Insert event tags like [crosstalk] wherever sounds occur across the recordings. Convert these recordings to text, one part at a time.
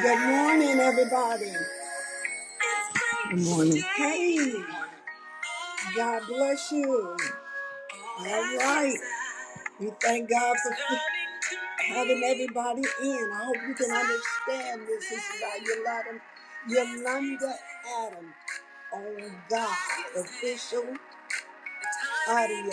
Good morning, everybody. Good morning. Hey, God bless you. All right. We thank God for having everybody in. I hope you can understand this. This is by Yolanda, Yolanda Adam on God, official. Audio.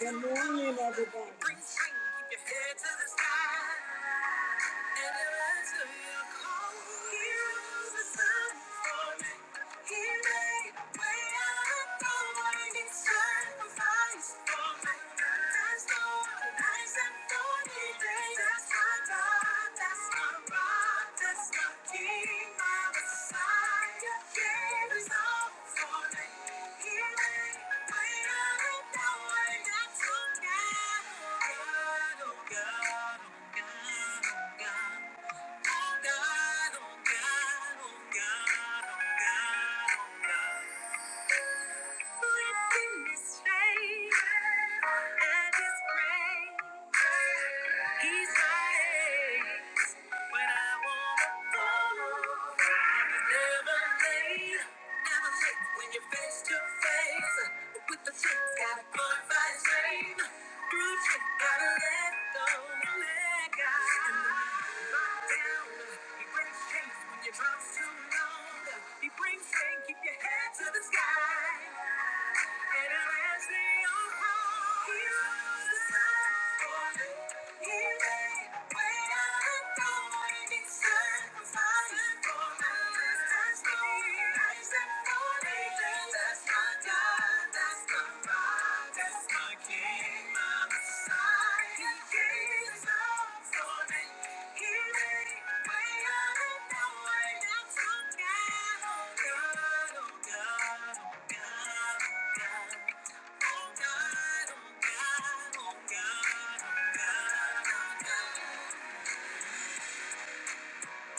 Good morning, everybody. Yeah. Oh God, oh God, oh God, oh God, oh God. With His grace and His grace, He saves. When I wanna follow, it's never late, never late when you're face to face with the truth. Gotta glorify shame, through truth. Gotta let go, no let God. And the lock down, he brings change when your drops too long. He brings rain, keep your head to the sky. And at last they all fall. He rose the sun for you. He made way out Oh God, oh God, oh God, oh God.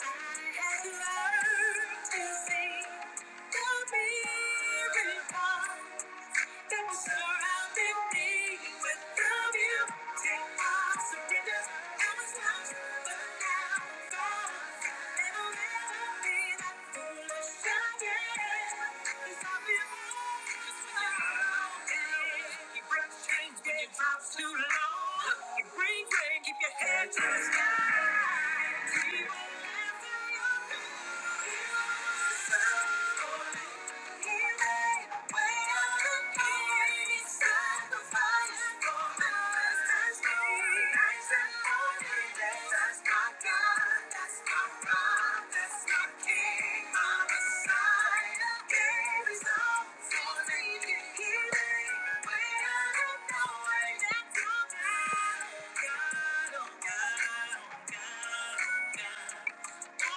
Surrender, I was lost, but now I'm gone. Keep your head to the sky. We won't on dancing, yeah. God.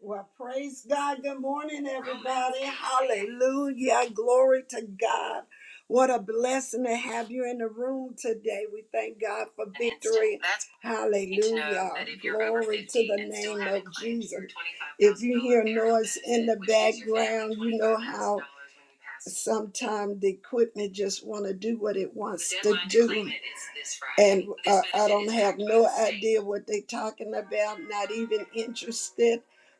Well, praise God. Good morning, everybody. Hallelujah. Glory to God. What a blessing to have you in the room today. We thank God for And it's- victory. that's- Hallelujah. you need to know Hallelujah. that if you're over Glory to 50 the and still name haven't of claimed your Jesus. If you hear $25,000 noise in the benefit, which is your family background, you know how $25,000 when you pass. sometimes the equipment just want to do what it wants The to The deadline to do. claim it is this Friday. And This uh, I benefit don't is have no activated today. idea what they're talking about, not even interested.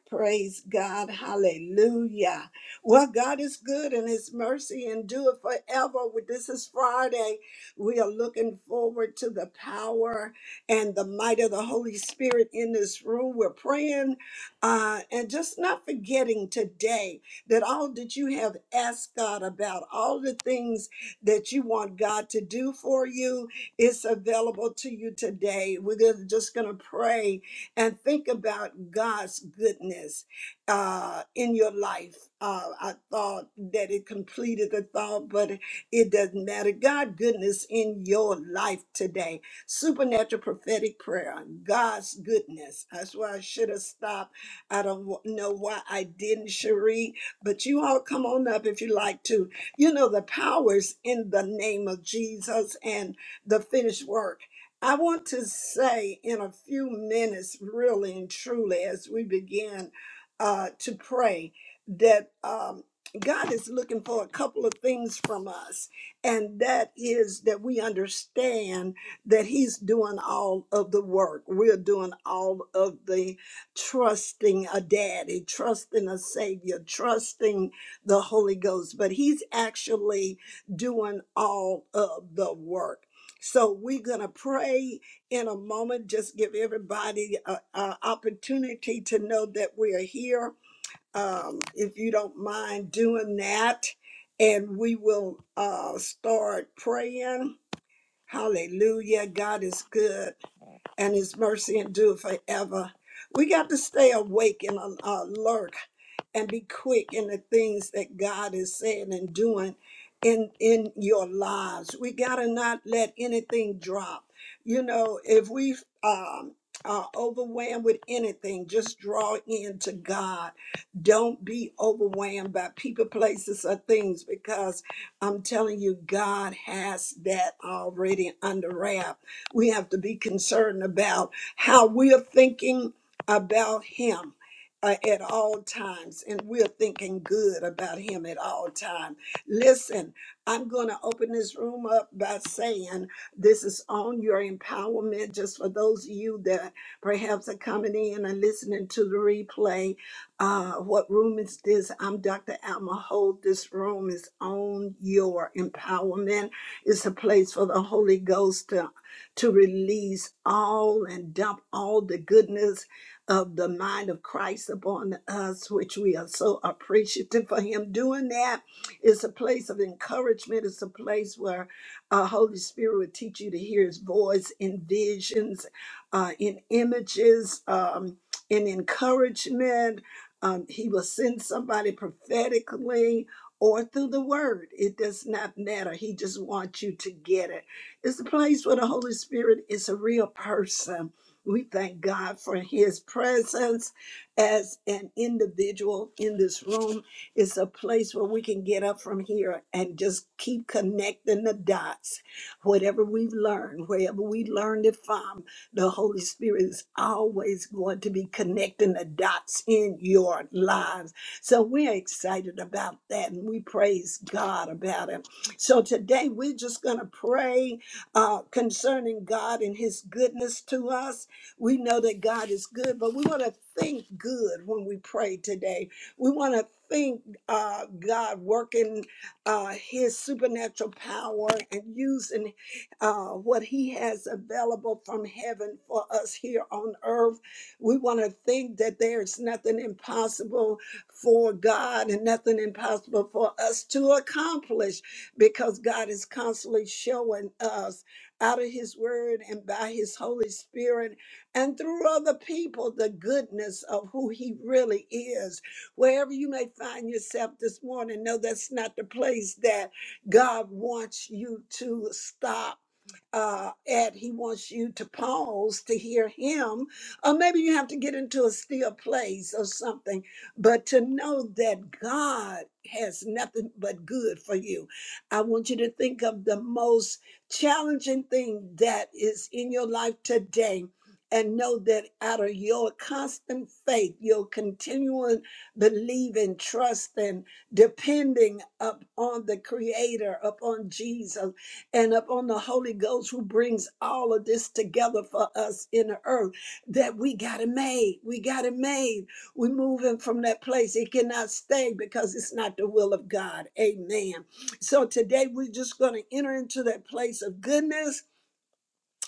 Praise God. Hallelujah. Well, God is good and his mercy endure forever. This is Friday. We are looking forward to the power and the might of the Holy Spirit in this room. We're praying uh, and just not forgetting today that all that you have asked God about, all the things that you want God to do for you, is available to you today. We're gonna- just going to pray and think about God's goodness uh, in your life. Uh, I thought that it completed the thought, but it doesn't matter. God goodness in your life today. Supernatural prophetic prayer. God's goodness. That's why I should have stopped. I don't wa- know why I didn't, Cherie. But you all come on up if you like to. You know the powers in the name of Jesus and the finished work. I want to say in a few minutes, really and truly, as we begin uh, to pray, that um, God is looking for a couple of things from us. And that is that we understand that He's doing all of the work, we're doing all of the trusting a daddy, trusting a savior, trusting the Holy Ghost. But He's actually doing all of the work. So we're going to pray in a moment. Just give everybody an opportunity to know that we are here. Um, if you don't mind doing that, and we will uh, start praying. Hallelujah. God is good and his mercy endure forever. We got to stay awake and al- alert and be quick in the things that God is saying and doing in in your lives. We got to not let anything drop. You know, if we um are overwhelmed with anything, just draw in to God. Don't be overwhelmed by people, places, or things because I'm telling you, God has that already under wrap we have to be concerned about how we're thinking about Him uh, at all times, and we're thinking good about Him at all times. Listen, I'm going to open this room up by saying this is on your empowerment, just for those of you that perhaps are coming in and listening to the replay. Uh, what room is this? I'm Dr. Alma Hold. This room is on your empowerment. It's a place for the Holy Ghost to to release all and dump all the goodness of the mind of Christ upon us, which we are so appreciative for Him doing that. It's a place of encouragement. It's a place where uh, Holy Spirit will teach you to hear His voice in visions, uh, in images, um, in encouragement. Um, he will send somebody prophetically or through the word. It does not matter. He just wants you to get it. It's the place where the Holy Spirit is a real person. We thank God for his presence as an individual in this room. It's a place where we can get up from here and just keep connecting the dots. Whatever we've learned, wherever we learned it from, the Holy Spirit is always going to be connecting the dots in your lives. So we're excited about that and we praise God about it. So today we're just going to pray uh, concerning God and His goodness to us. We know that God is good, but we want to think good when we pray today. We want to think uh, God working uh, His supernatural power and using uh, what He has available from heaven for us here on earth. We want to think that there's nothing impossible for God and nothing impossible for us to accomplish because God is constantly showing us out of his word and by his Holy Spirit and through other people the goodness of who he really is. Wherever you may find yourself this morning, no, that's not the place that God wants you to stop uh, at he wants you to pause to hear him or maybe you have to get into a still place or something but to know that god has nothing but good for you i want you to think of the most challenging thing that is in your life today and know that out of your constant faith your continuing believing trusting, and depending upon the creator upon jesus and upon the Holy Ghost who brings all of this together for us in the earth that we got it made. We got it made. We're moving from that place. It cannot stay because it's not the will of God. Amen. So today we're just going to enter into that place of goodness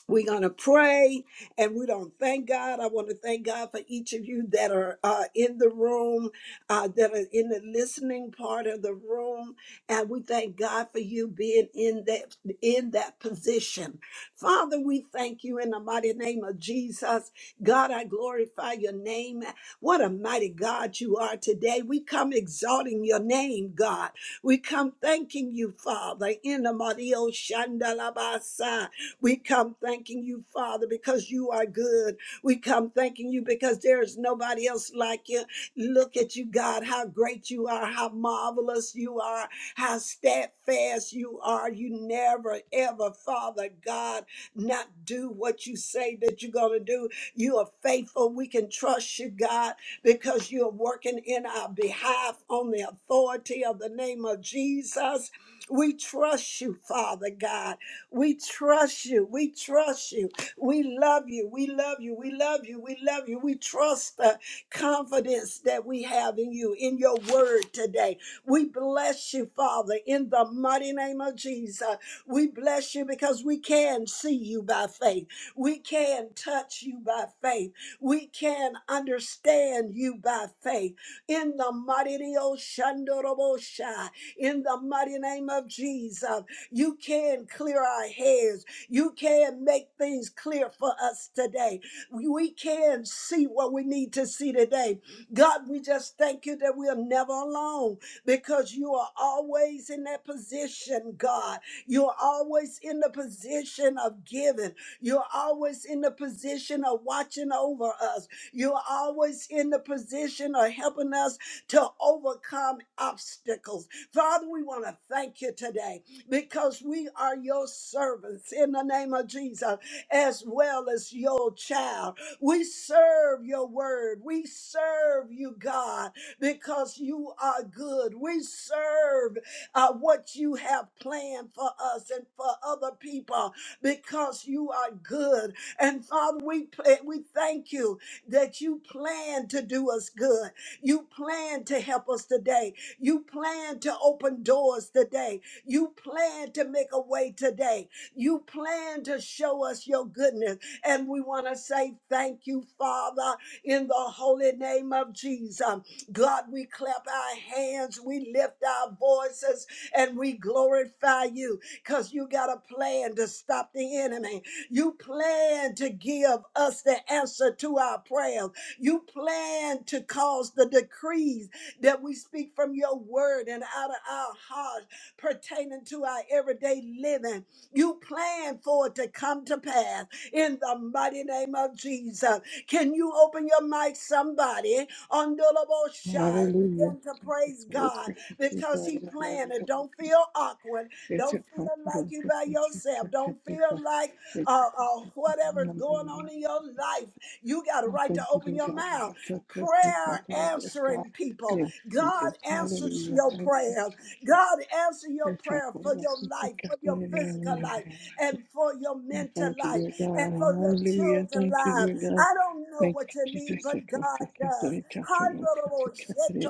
we're going to pray and we don't thank God. I want to thank God for each of you that are uh, in the room, uh, that are in the listening part of the room. And we thank God for you being in that, in that position. Father, we thank you in the mighty name of Jesus. God, I glorify your name. What a mighty God you are today. We come exalting your name, God. We come thanking you, Father, in the mighty Oshandalabasa. We come thanking you, Father, because you are good. We come thanking you because there is nobody else like you. Look at you, God, how great you are, how marvelous you are, how steadfast you are. You never, ever, Father God, not do what you say that you're going to do. You are faithful. We can trust you, God, because you are working in our behalf on the authority of the name of Jesus. We trust you, Father God. We trust you. We trust you. We love you. We love you. We love you. We love you. We trust the confidence that we have in you, in your word today. We bless you, Father, in the mighty name of Jesus. We bless you because we can see you by faith. We can touch you by faith. We can understand you by faith in the mighty Dio Shandorobosha, in the mighty name of Jesus. You can clear our heads. You can make things clear for us today. We can see what we need to see today God, we just thank you that we are never alone because you are always in that position, God. You're always in the position of giving. You're always in the position of watching over us. You're always in the position of helping us to overcome obstacles. Father, we want to thank you today because we are your servants in the name of Jesus, as well as your child. We serve your word. We serve you, God, because you are good. We serve uh, what you have planned for us and for other people because you are good. And Father, we pla- we thank you that you plan to do us good. You plan to help us today. You plan to open doors today. You plan to make a way today. You plan to show us your goodness. And we want to say thank you, Father, in the holy name of Jesus. God, we clap our hands, we lift our voices, and we glorify you because you got a plan to stop the enemy. You plan to give us the answer to our prayers. You plan to cause the decrees that we speak from your word and out of our hearts pertaining to our everyday living. You plan for it to come to pass in the mighty name of Jesus. Can you open your mic, somebody, on Shy? Hallelujah. Begin to It's praise God Roku City, because He Darina Maria. planned it. Don't feel awkward. It's Don't a feel like capital you by yourself. Don't feel like uh, uh, whatever's going on in your life. You got a I right to thank you, open dear your God. I mouth. so close to you Prayer today. Yes, God. answering people. Yes, God Jesus. answers Hallelujah. your Thank you, prayers. Jesus. God, answer your Yes, I prayer for call us your to life, seek for after your the physical name of life, the and for your Lord. I mental thank you, life, dear and God. for your Hallelujah. children's Thank you, lives. dear God. I don't know Thank what you you, need, Jesus. but I call to God seek after does. the name of the Lord.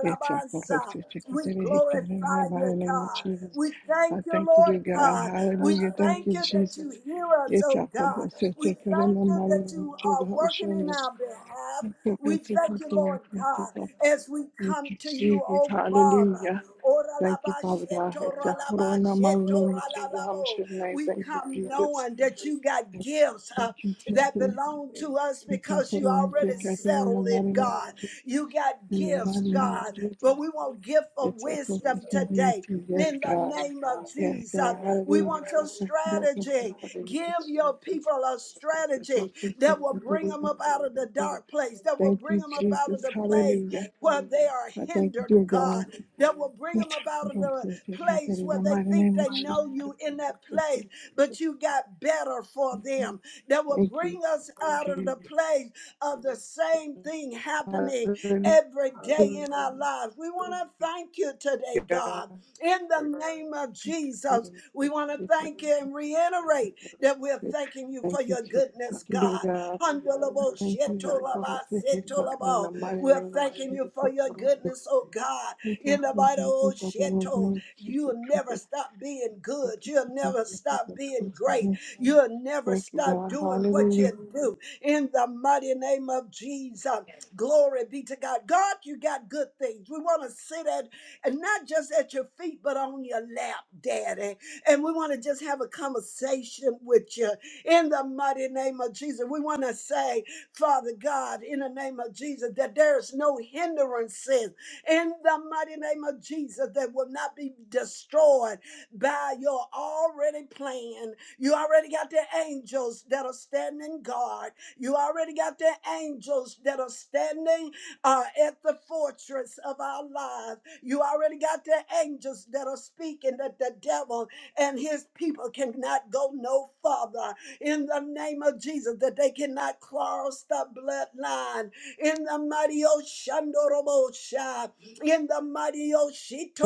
It's our hope to take us We to the heat in the glorify mighty you, name of God. Jesus. We I thank you, thank you, dear Lord God. God. We Hallelujah. Thank thank you, you that Jesus. you hear us, It's oh our hope God. to We take us in thank the you mighty that name of you Jesus. are I will show working in you. our behalf. I Thank you, We thank thank you, you, Lord thank you, God, thank you. as we Thank come you, to you, Jesus. oh Father. Hallelujah. Ora la Thank you, ba Father God. sheto It's ra our la hope ba in the mighty sheto name ra of la Jesus. la I will bo. show your We Thank you, come Jesus. knowing that you got gifts uh, Thank you, that Jesus. belong to us It's our because hope you to already take us in the settled mighty it, name of God. Jesus. You got In the gifts, mighty name of God, Jesus. but we want gift of It's our hope to take wisdom us. in the mighty name of today. Jesus. Yes, In the God. name of Yes, Jesus, God. we Hallelujah. want I your thank you, Lord, thank you strategy. for this Give Yes, your Jesus. people a I strategy Thank you that will for bring them this up out of the day. dark place, that will Thank bring you, them up out of Jesus. the place Hallelujah. where they are I thank you, hindered, dear God, God. that will bring I thank them up out you, of Lord, for the this God, that place In where the they mighty think name they of Jesus. know you in that place, but you got better for them, that will Thank you, bring us out of the Jesus. place of the same thing happening Hallelujah. every day in our lives. We want to thank you today, God. In the name of Jesus, we want to thank you and reiterate that we're thanking you Thank for you, your Jesus. goodness, God. Handalabo, thank you, shetolaba, Yakorose, Hitaka, and setolabo. the mighty We're name is thanking Jesus, you for your Yakorose, goodness, oh God. Hitaka, In the mighty old Hitaka, in the name sheto, of Jesus, you'll never Kata, stop being good. Hitaka, You'll never Hitaka, stop being great. Hitaka. You'll never Thank you, stop God. doing what Hallelujah. you do in the mighty name of Jesus. Glory be to God. God, you got good things. We want to sit at, and not just at your feet, but on your lap, Daddy. And we want to just have a conversation with you in the mighty name of Jesus. We want to say, Father God, in the name of Jesus, that there is no hindrances in the mighty name of Jesus that will not be destroyed by your already plan. You already got the angels that are standing guard. You already got the angels that are standing uh, at the fortress of our lives. You already got the angels that are speaking that the devil and his people cannot go no further. In the name of Jesus, that they cannot cross the bloodline. In the mighty Oshandorobosha. In the mighty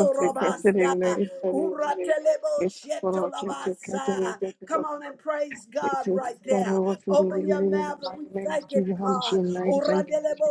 Kose, Kata, in the name of Uratelebo Jesus, Yakorose, Kata, in the name Shetolabasa. Come of on and praise God Jesus, right there. Yakorose, in Open your the mouth and we mighty name of thank Him, Jesus, Hamish, God. your name. Thank you.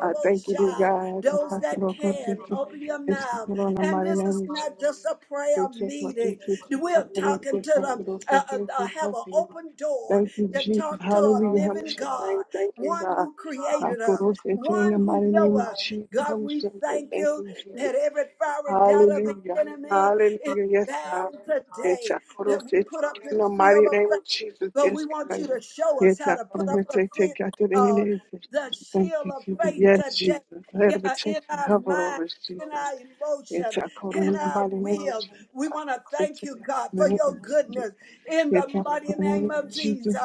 I thank you, dear God. Those that can, Yakorose, Hitaka, open your mouth. in the And mighty this is name is Jesus. not just a prayer Thank you, meeting. Jesus. We're talking Hallelujah. to them, uh, uh, uh, have an open door to talk to a How living much your God, name? Thank you, one God. who I created go us, to say to you in the one who mighty know name of us. Jesus. How God, much we your name? thank Thank you you, Jesus. that every fiery doubt of the Hallelujah. enemy Hallelujah. is Yes, God. bound Yes, today I go that to we say to put up you in the the mighty shield of name faith, of Jesus. but we Yes, want you God. to show Yes, us how I to go put up to the, say to fi- you in the uh, name of Jesus. the Thank shield you, of Jesus. faith Yes, today Jesus. Head in, of uh, in attention. our Hover minds, over us, in Jesus. our It's emotion, a in corona our by the name of will. Jesus. We I want can to sense thank it you, God, in the for name your of Jesus. goodness in It's the a mighty corona name of of Jesus. Jesus.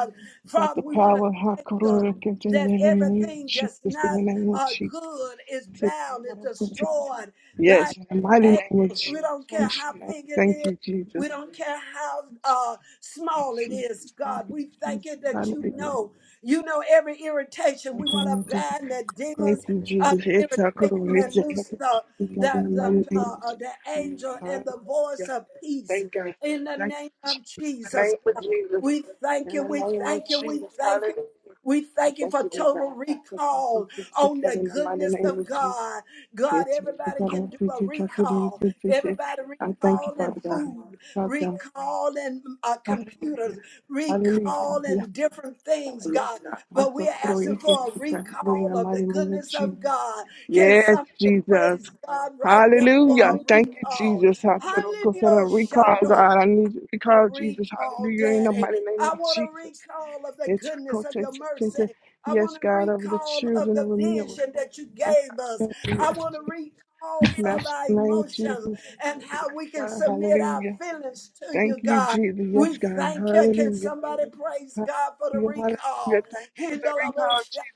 Got Father, the we want to power. How thank you corona can take in that the name of everything Jesus. that's In the not name of uh, Jesus. good is It's a bound, is corona can take- it. destroyed by Yes, in the your mighty name of angels. Jesus. We don't I'm care how sure. big it is. Thank you, Jesus. We don't care how uh, small it Jesus. is, Thank God. you, We Jesus. thank you that you Hallelujah. know. You know every irritation. We want to bind the demons Thank you, of Jesus. It's our irritation glory. It's and a good loose the God in the the the, mighty name. uh, uh, is- the angel Hallelujah. and the voice of peace Thank God. in the Thank name of Jesus. you, God. Jesus. We thank In you. the name of Jesus. In the We name of thank you. We Jesus. thank you. Hallelujah. We I thank you thank for you, dear total God. I took to recall the on God the in the mighty goodness name of of Jesus. God. God, It's a good everybody can God. do It's a a good God. recall. It's a good God. Everybody I thank you, recalling Father God. food Father God. recalling uh, computers, Hallelujah. Hallelujah. Yes, recalling different God. things, Yes, God. God. I But we're took to the God Yes, asking yes, for a yes, yes, yes. in recall the of the mighty name of goodness of Jesus. God. Can Yes, somebody Jesus. praise God right there Hallelujah. for a Thank you, recall? Jesus. Hatoroko Sarah. Hallelujah, Recall, God. Shando I need you. to Recall, Jesus. recall, Hallelujah. In the Daddy. mighty name I of want to Jesus. recall of the It's a goodness kote- of your te- te- te. mercy. I Yes, want to God, of the recall of children of the Amir. vision that you gave us. I Yes, want to Jesus. recall of Master's our name, emotions Jesus. and Yes, how we can God. submit our Hallelujah. feelings to you, Thank you, God. Jesus. We Yes, God. thank you. Can Hallelujah. somebody praise God for the Hallelujah. Hallelujah. recall? Thank you for the recall, Jesus.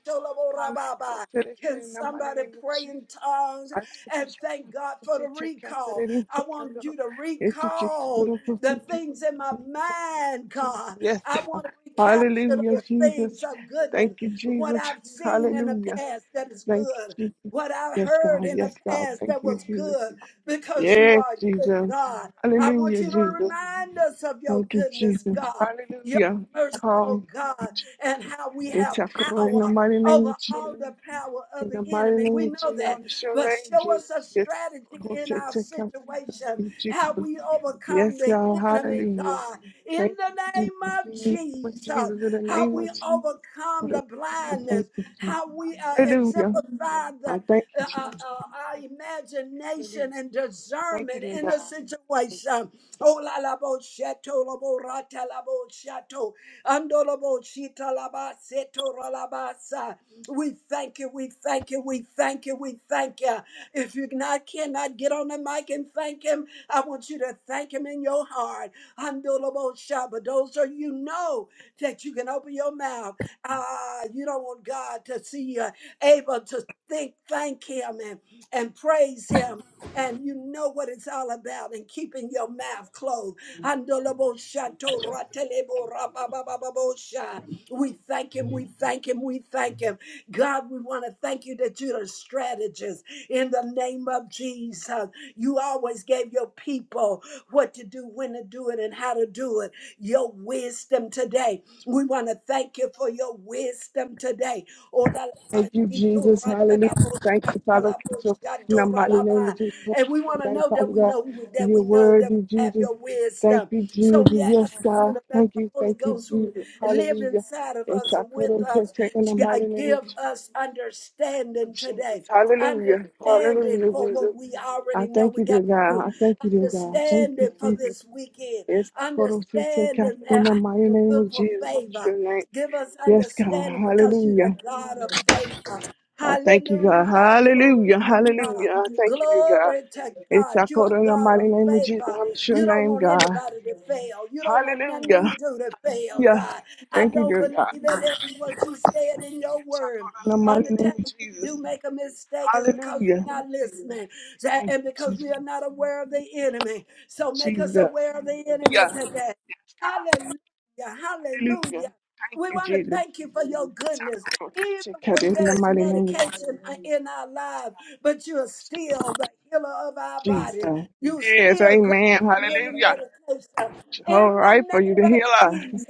Hallelujah. Kote- te- te- Can In the mighty somebody name of pray Jesus. in tongues and thank God for the recall? I want you to recall the things in my mind, God. Yes, I God. want to recapture Hallelujah, those things Jesus. of goodness, Thank you, what Jesus. I've seen in the Hallelujah. past that is Thank good, you, Jesus. what I've Yes, heard God. in the Yes, God. past Thank that you, was Jesus. good, because you Yes, are good, Jesus. God. I want Hallelujah, you to Jesus. remind us of your Thank you, goodness, Jesus. God, your Hallelujah. mercy, oh Call. God, and how we It's have a in the power mighty name over of Jesus. all the power of In the the mighty enemy. name We of know Jesus, I that, bless your but name, show Jesus. us a Yes, strategy Lord, we in take our it in the situation name how Jesus. we overcome Yes, the God, enemy, hallelujah. God, in Thank the you, name Jesus. of In the name of Jesus, Jesus, in the how name we of Jesus, overcome the I thank blindness, you, Jesus. how we uh, Hallelujah. exemplify I the, thank you, uh, uh, uh, Jesus. our Thank you, Lord. Hallelujah. imagination and Thank you, discernment dear in the God. situation. Oh, la la bo shato, la bo rata, la bo shato, ando la bo shita, la ba seto, ra la ba sa. We thank you, we thank you, we thank you, we thank you. If you not, cannot get on the mic and thank Him, I want you to thank him in your heart. Handolobosha, But those of you know that you can open your mouth. Ah, you don't want God to see you able to think, thank him and, and praise him. And you know what it's all about and keeping your mouth closed. Handolobosha, toratelebo, rabababababosha. We thank him, we thank him, we thank him. God, we want to thank you that you're the strategist in the name of Jesus. You always gave your people what to do, when to do it, and how to do it. Your wisdom today. We want to thank you for your wisdom today. Oh, la, la, ba, Thank you, shi, do, Jesus. ra, da, Hallelujah. la, bo, Thank da, you, da, Father, la, for bo, your sha, in the do, ra, mighty la, name of ba. Jesus. And we want to Your name, know that Father we God. know that You're we know that we worthy, have Jesus. your Thank wisdom. you, So Jesus. we ask Yes, you God. to let Thank the you, Holy thank you, Ghost who Jesus. live Hallelujah. inside of Yes, us I and put with on us test in the mighty name of give us understanding Jesus. today. Hallelujah. Understanding Hallelujah, for what Jesus. we I already know thank we you, dear got to God. do. I thank you, dear God. Thank you, Understanding for Jesus. this weekend. Yes, I put on test Understanding uh, in the how mighty to name of look for Jesus. favor. Your name. Give us Yes, God. understanding because you're Hallelujah. the God of favor. I thank you, God. Hallelujah. Glory Hallelujah. to God. Hallelujah. I thank you, dear God. Glory to It's God. I You're call a in the God mighty of name of Jesus. favor. I'm sure You your don't name, want God. anybody to fail. You don't want nothing we Hallelujah. do to fail, Hallelujah. God. I Thank you, don't dear God. believe that in what you said in your It's I word. call in the On the mighty name time of we do Jesus. make a mistake is because Hallelujah. we're not listening sa- Thank and you, because we Jesus. are not aware of the enemy. So make us Jesus. aware of the enemy Hallelujah. today. Yes, God. Hallelujah. Hallelujah. Hallelujah. Thank We you, want to Jesus. thank you for your It's I goodness, call even to cut when it in the there's mighty name of Jesus. medication in our lives, but you're Yes, God. still the healer of our Yes, bodies. God. Jesus. You're Yes, still amen. greater than any Hallelujah. medication. In All the right, for you to name of heal us. Jesus,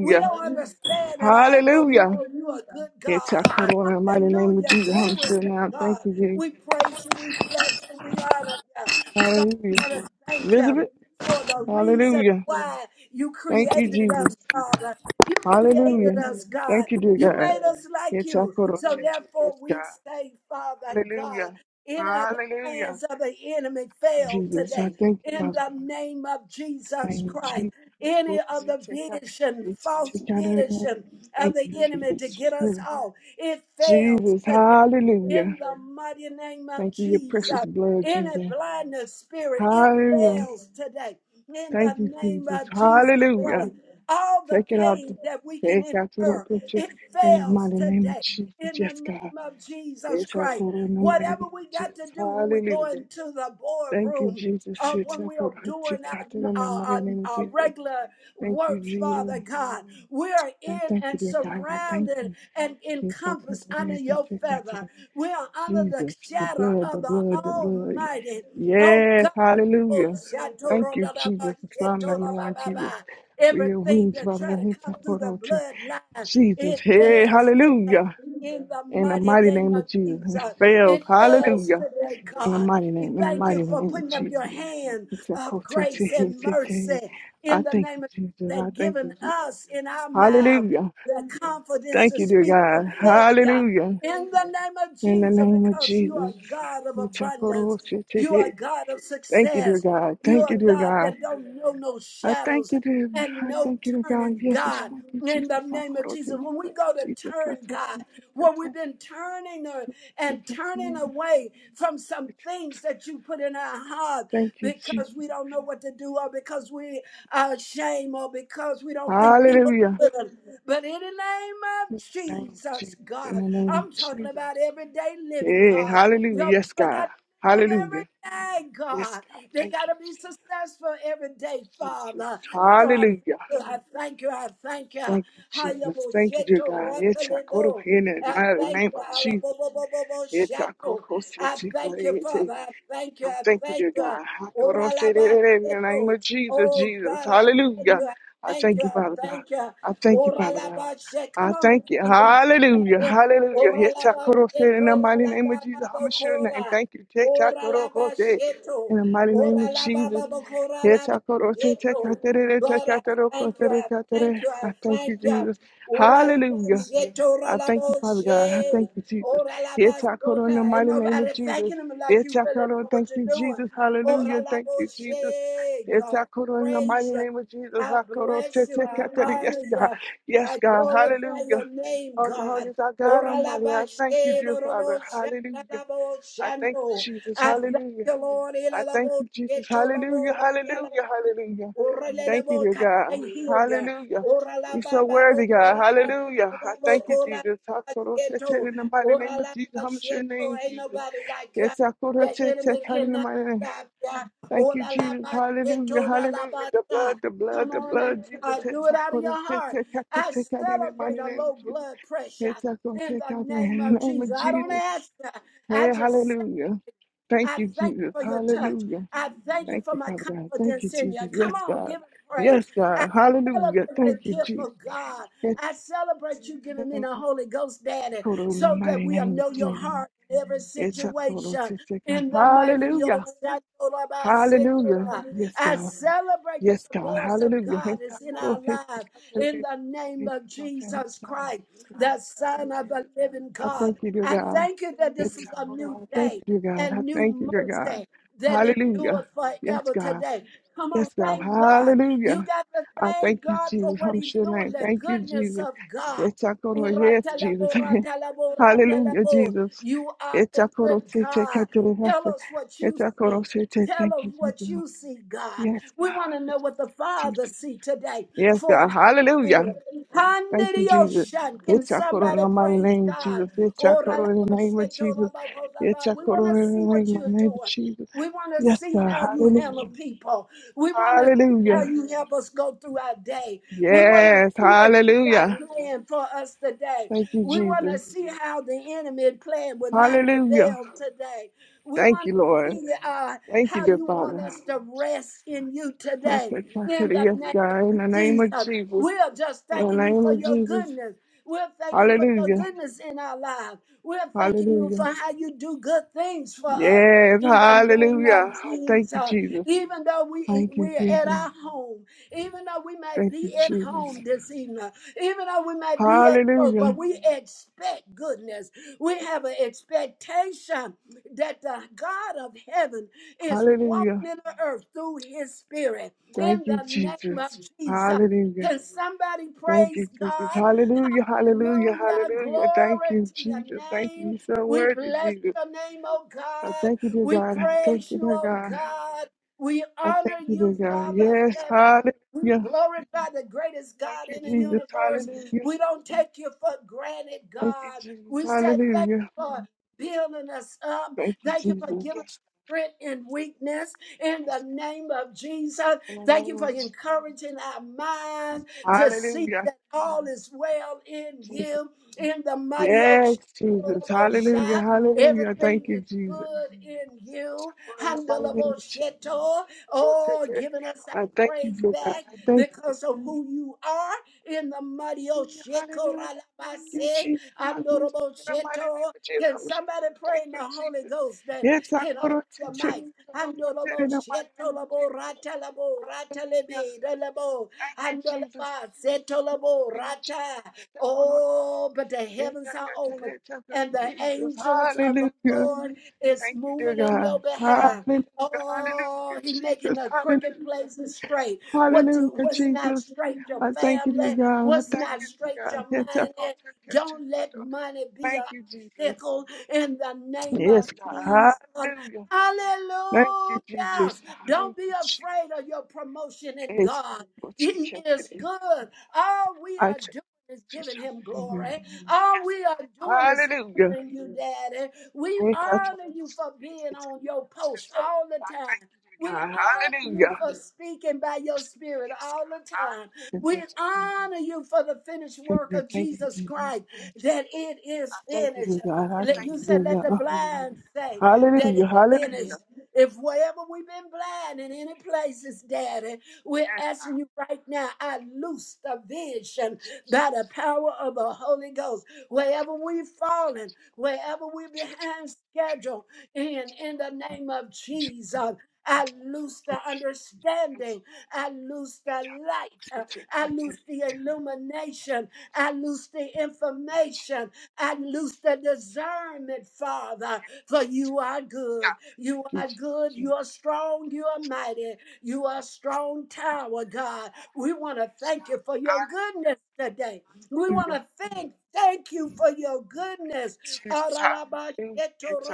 we don't understand it all, but we Hallelujah. know you are good It's our God. Lord, in the mighty name of Hallelujah. Jesus. I'm Glory sure to now. Thank God. you, Jesus. We praise you. We bless you. We honor you. God, we Hallelujah. want to thank you Elizabeth, for the reason hallelujah. why you Thank you, created Jesus. us, Father. You created Hallelujah. us, God. Thank you, dear You God. made us like It's our you. Lord, So Yes, therefore, God. we say, Father Hallelujah. God, any of the Hallelujah. plans of the enemy failed Jesus, I today. thank you, In Father. the name of Thank Jesus you, Christ Jesus. any Lord, of say, Take the out, vision, It's- false take out of it. now. vision of Thank the you, enemy to Jesus. get Yes, us off. It fails Jesus, today hallelujah. in the mighty name of Thank you, your Jesus. precious blood, Any Jesus. blindness spirit, it Hallelujah. fails today in the Thank you, name Jesus. of Jesus Hallelujah. Christ. All the Take it out. pain the- that we can Take out to the incur, picture it in the fails mighty name of today Jesus. in the Yes, name God. of Jesus Yes, I Christ. go in the mighty name Whatever we of got to Jesus. do when we go Hallelujah. into the Thank you, boardroom Jesus. uh, Yes, when I we go are to doing Take out our, in the our, mighty our, name of our Jesus. regular Thank you, work, Jesus. Father God. We are I in thank you, and dear God. I thank surrounded you. and Yes, I go encompassed to under yes, your take out feather. the- We are under the Jesus, the shadow blood, of the the blood, the blood. Almighty. Oh Yes, God, hallelujah. Thank you, Jesus. Psalm 91, Jesus. For your Everything wounds, that Father try God, to his come through the support. bloodline, Jesus, it hey, fails today. hallelujah. In the In the mighty mighty name name of of Jesus. And It Jesus, fails. it fails Hallelujah. today, In the God. mighty We name, in the Thank you mighty for name of putting up your Jesus. hand It's a of coat, it's a grace hit, and it's a- mercy I in the thank you, name of Jesus. Jesus I and thank you, giving Jesus. us in our mouth Hallelujah. the confidence Thank to you, dear speak God. of failure. Hallelujah. In the name of In the Jesus, name of because you are Jesus. God of it's a abundance, coat, it's a you a are God of Thank you, dear success. God. You Thank are you, dear God God. that don't know no I thank shadows you, dear. and I no thank you, dear God. turning, Yes, it's God. what you, In Jesus. the I name of call out to Jesus, you, when we Lord go to Jesus. Cut turn, off, God, cut off, when cut we've off, been turning or- cut off, and cut turning away from some off. things that you put in our heart Thank you, because we Jesus. don't know what to do or because we are ashamed or because we don't think people Hallelujah. will. But in the name of In the name of Jesus, Jesus. In the God, name I'm of talking Jesus. about everyday living, Hey, God. hallelujah. Your Yes, people God. live every Hallelujah. day, Yes, God. God. They Thank got you, to be Jesus. successful every day, Jesus. Father. So I Hallelujah. thank you, I thank you, I thank you. Thank you, Hayabo Jesus. Thank you, dear sheto God. It's I call rotelebo. in the I mighty thank name you. of Jesus. Alabobobobobo It's I sheto. call I thank you, Father. I thank you, I I thank you, thank dear you. God. Oralaba In the name sheto. of Jesus, Oh, Jesus. God, I thank Hallelujah. you, I I thank thank you, you, I Father God. thank you. I thank you, Father God. Oralaba sheto. Come I on and thank you. thank him. Hallelujah. Hallelujah. Oralaba Hitakorose In sheto. the mighty name of Oralaba Jesus. I'm sure name. bokora. Thank you. Ora la ba Hitakorose In sheto. the mighty name of Ora la ba Jesus. ba ba kora la ba Hitakorose, sheto. tekatere, God, I tekatere, thank you. kotere, I katere. thank you. I I thank thank you, you. Jesus. Ora la ba Hallelujah. sheto. Ora I la thank you, ba Father God. I she. thank you, Jesus. Ora la ba Yes, I call on the sota. Ain't mighty name of nobody Jesus. thanking him like Yes, you I really call on. know Thank what you're you, doing. Jesus. Ora Hallelujah. la Thank ba you, Jesus. she. Yes, God, I call on the praise mighty you. name of Jesus. I I call on. bless Te- you. te- I ka- ka- da. Yes, honor God. you. Yes, I God. glorify your Hallelujah. name, Holy, holy God. is our God Almighty. I I thank you, dear Father. Hallelujah. I thank you, Jesus. thank Hallelujah. you, Lord. I thank you, Jesus. Hallelujah. Hallelujah. Hallelujah. Thank you, Oralelebo dear can God. heal ya. Hallelujah. Orala You're so baba worthy, God. bokora baba Hallelujah. baba I thank you, bokora Jesus. Hakorotete sheto. In the mighty name of Orala Jesus. How much your sheto. name, Ain't Jesus? nobody like ya. Yes, The hakorotete, enemy God, in the cannot mighty name. stop ya. Thank you, Orala Jesus. Hallelujah. sheto. Orala Hallelujah. The basa. blood, the blood, Come the on and blood, Jesus. uh, Yes, do it out of your heart. hakorotete, God, I tete, God, In the celebrate mighty a name of low Jesus. blood Yes, pressure in hakorotete, the God, name In of the name of Jesus. I don't Jesus. ask ya. I Hey, just hallelujah. Thank I you, thank Jesus. you for your touch. Hallelujah. I thank you Thank for you, my Father God. Thank you, confidence in you. Jesus. Yes, Come on, God. give him praise. Yes, I God. Hallelujah. celebrate the Thank you, gift Jesus. of God. It's I celebrate you giving me a the Holy Ghost, Daddy, total in the so that mighty we'll name of know your Jesus. heart in every It's a total situation. to take God. In the mighty name of Hallelujah. Shaddai, Hallelujah. Yes, I God. celebrate that Yes, the God. voice of Hallelujah. God It's a is in total our to take life. God. In the name It's of a total in the Jesus mighty name Christ, of God. the In Son of the Jesus. living I God. thank you, dear I God. thank you that this It's is a a total. new I thank day you, dear God. I and new thank you, dear God. mercy that Hallelujah. endures Yes, forever God. today. Come Yes, on, God. thank God. You Hallelujah. got to I thank thank you, God for Jesus. what I'm He's sure doing, name. the Thank you, goodness Jesus. of God. Yes, I go to- yes, Jesus. Uratalabo, ratalabo, [laughs] Hallelujah, ratalabo. Jesus. You are Yes, a I go good to say, take care God. to the Tell master. us what Yes, you I go to see. say, take- Tell Thank us you, what Jesus. you see, God. Yes, We want to God. know what the Father Jesus. see today Yes, for our God. Hallelujah. good. Thank you, Jesus. Handidioshan. Can Yes, I go to in somebody the mighty praise name of God? Jesus. Yes, I go Ora to in the name of Jesus. Yes, I We go to want in to see the what name of you're my name of doing. Jesus. We want to Yes, see God. how you handle Hallelujah. people. We want to see how Hallelujah. you help us go through our day. We want to Yes, see what you got hallelujah. planned for us today. Thank you, We want to Jesus. see how the enemy plan will not Hallelujah. prevail today. We Thank want you, to Lord. see uh, Thank you, how dear you want Father. us to rest in you I today. say thank you In to the yes, name God, in of the name of Jesus, Jesus. we are just In the thanking you name for of your Jesus. goodness. We're thanking for your Hallelujah. goodness in our lives. We're thanking you for Hallelujah. how you do good things for us. Yes, In the name hallelujah. of Thank you, Jesus, Jesus. even though we Thank you, we're at Jesus. our home, even though we might Thank you, be at Jesus. home this evening, even though we might be at work, but Hallelujah. we expect goodness. We have an expectation that the God of heaven is walking Hallelujah. in the earth through his spirit Thank in you, the name of Jesus. Jesus. Hallelujah. Can somebody Thank you, praise Jesus. God? Hallelujah, hallelujah, Hallelujah. hallelujah. Thank Glory you, to your Jesus. Thank you. name. You're so We worthy, bless Jesus. your name, oh I God. thank you, dear We God. I thank praise you, you, dear oh God. God. We I thank honor you, dear you, God. Father of Yes, heaven. We hallelujah. glorify the greatest Thank God you, in the Jesus. universe. Hallelujah. We don't take you for granted, Thank you, God. Jesus. We said thank Hallelujah. you for building us up. Thank you, Thank you Jesus. for giving us Yes, strength in weakness in the yes. name of Jesus. In the name Thank you for of Jesus. encouraging our minds to see Hallelujah, that all is well in Jesus. you, in the mighty Yes, ocean of Jesus. Hallelujah, shot. hallelujah. Thank Everything is you, Jesus. good in you. In the mighty name of Jesus. Handalabosheto. Oh, giving us our I thank you, praise dear God. back I thank you. because of who you are in the mighty Hallelujah, ocean. hallelujah. Thank you, Jesus. I go to Handleable In the shit. mighty name of Can Jesus. somebody pray I'm healed. in the Thank you, Holy Jesus. Ghost that Yes, I can go open to your teach it. mic? I go to it in the mighty name Handalabosheto, of labo, Jesus. ratalabo, Hallelujah. ratalebe, Thank you, Jesus. Andalaba, Setolabo, Thank you, Jesus. Rata. I go to- Oh, but the it. heavens I are got to open. that type And of- the Jesus, angels of the hallelujah. Lord is Thank you, dear moving in your God. behalf. Hallelujah, hallelujah, Oh, He's making Jesus, the crooked hallelujah, places straight. What do hallelujah, what's not Jesus. straight? Your I thank you, dear family, God. I what's thank not you, straight? dear God. Your Yes, I go money. to catch Don't it. let money be an Thank you, Jesus. obstacle in the name of Yes, God. Jesus. Hallelujah. Thank you, Hallelujah. Jesus. Don't Thank be you, afraid of your promotion in Jesus. God. We'll take He care is today. good. All we I are take it doing is to giving him something good. glory. All Yes, we are doing God. is Hallelujah. honoring you, Daddy. We Thank you, honor you Jesus. for being on your post I all the Thank time. you, dear We God. honor you Hallelujah. for speaking by your Yes, God. spirit Yes, all the God. time. Hallelujah. We Yes, honor you for the finished God. work Amen. of Thank Jesus you, Jesus. Christ, that it is I thank you, dear finished. God. I Let- thank You you, dear said, let the God. blind say that Hallelujah. it's finished. Hallelujah. If wherever we've been blind in any places, Daddy, we're Yes, asking God. you right now, I loose the vision Jesus. by the power of the Holy Ghost. Wherever we've fallen, wherever we're behind schedule, and in the name of Jesus, I loose the Hallelujah. understanding. I loose Thank the light. you, Uh, I loose the illumination. I loose the information. I loose the discernment, Father, for you are good. You are Jesus. good. You are Thank strong. you, You are mighty. You are a strong tower, Father God. God. We want to Yes, thank God. you for your Hallelujah. goodness today. We want Hallelujah. to thank thank you for your goodness. Jesus. Hallelujah. Yes, I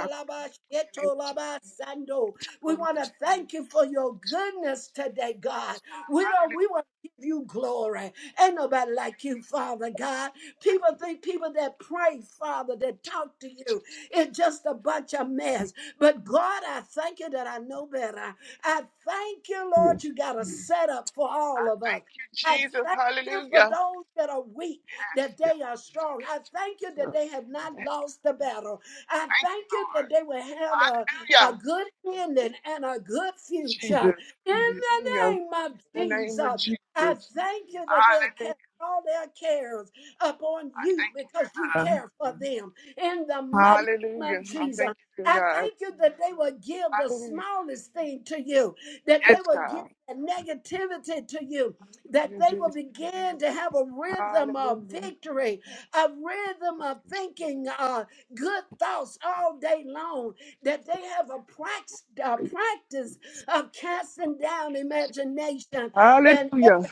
go to the name of Jesus. Yes, I We go to the name of want Jesus. to thank you for your goodness today, God. Yes, God. We don't we Hallelujah. want to give you glory. Ain't nobody like you, Hallelujah. Father God. Thank People you. think people Thank that you for pray, Father, that talk to this, you, Jesus. it's just Hallelujah. a bunch of mess. But God, I thank you that I know better. I thank you, Lord, you got a setup for all I of us. thank you, I Jesus. thank you for Hallelujah. those that are weak, Yes, that God. Yes, they are strong. I thank you that God. they have not Yes, God. lost the battle. I Thank you, thank you Lord. that they will have a, a Hallelujah. good ending and a good future. Jesus. In the Hallelujah. name of In the Jesus, name of Jesus. I thank you that they'll Hallelujah. cast all their cares upon I you thank you, because you dear God. care for them. In the mighty name Hallelujah. of I Jesus. thank you, I dear God. thank you that they will give the Hallelujah. smallest thing to you, that they Yes, will give God. the negativity to you, that Hallelujah, they will Jesus. begin to have a rhythm of Hallelujah. victory, a rhythm of thinking uh, good thoughts all day long, that they have a prax- a practice of casting down imagination and Hallelujah.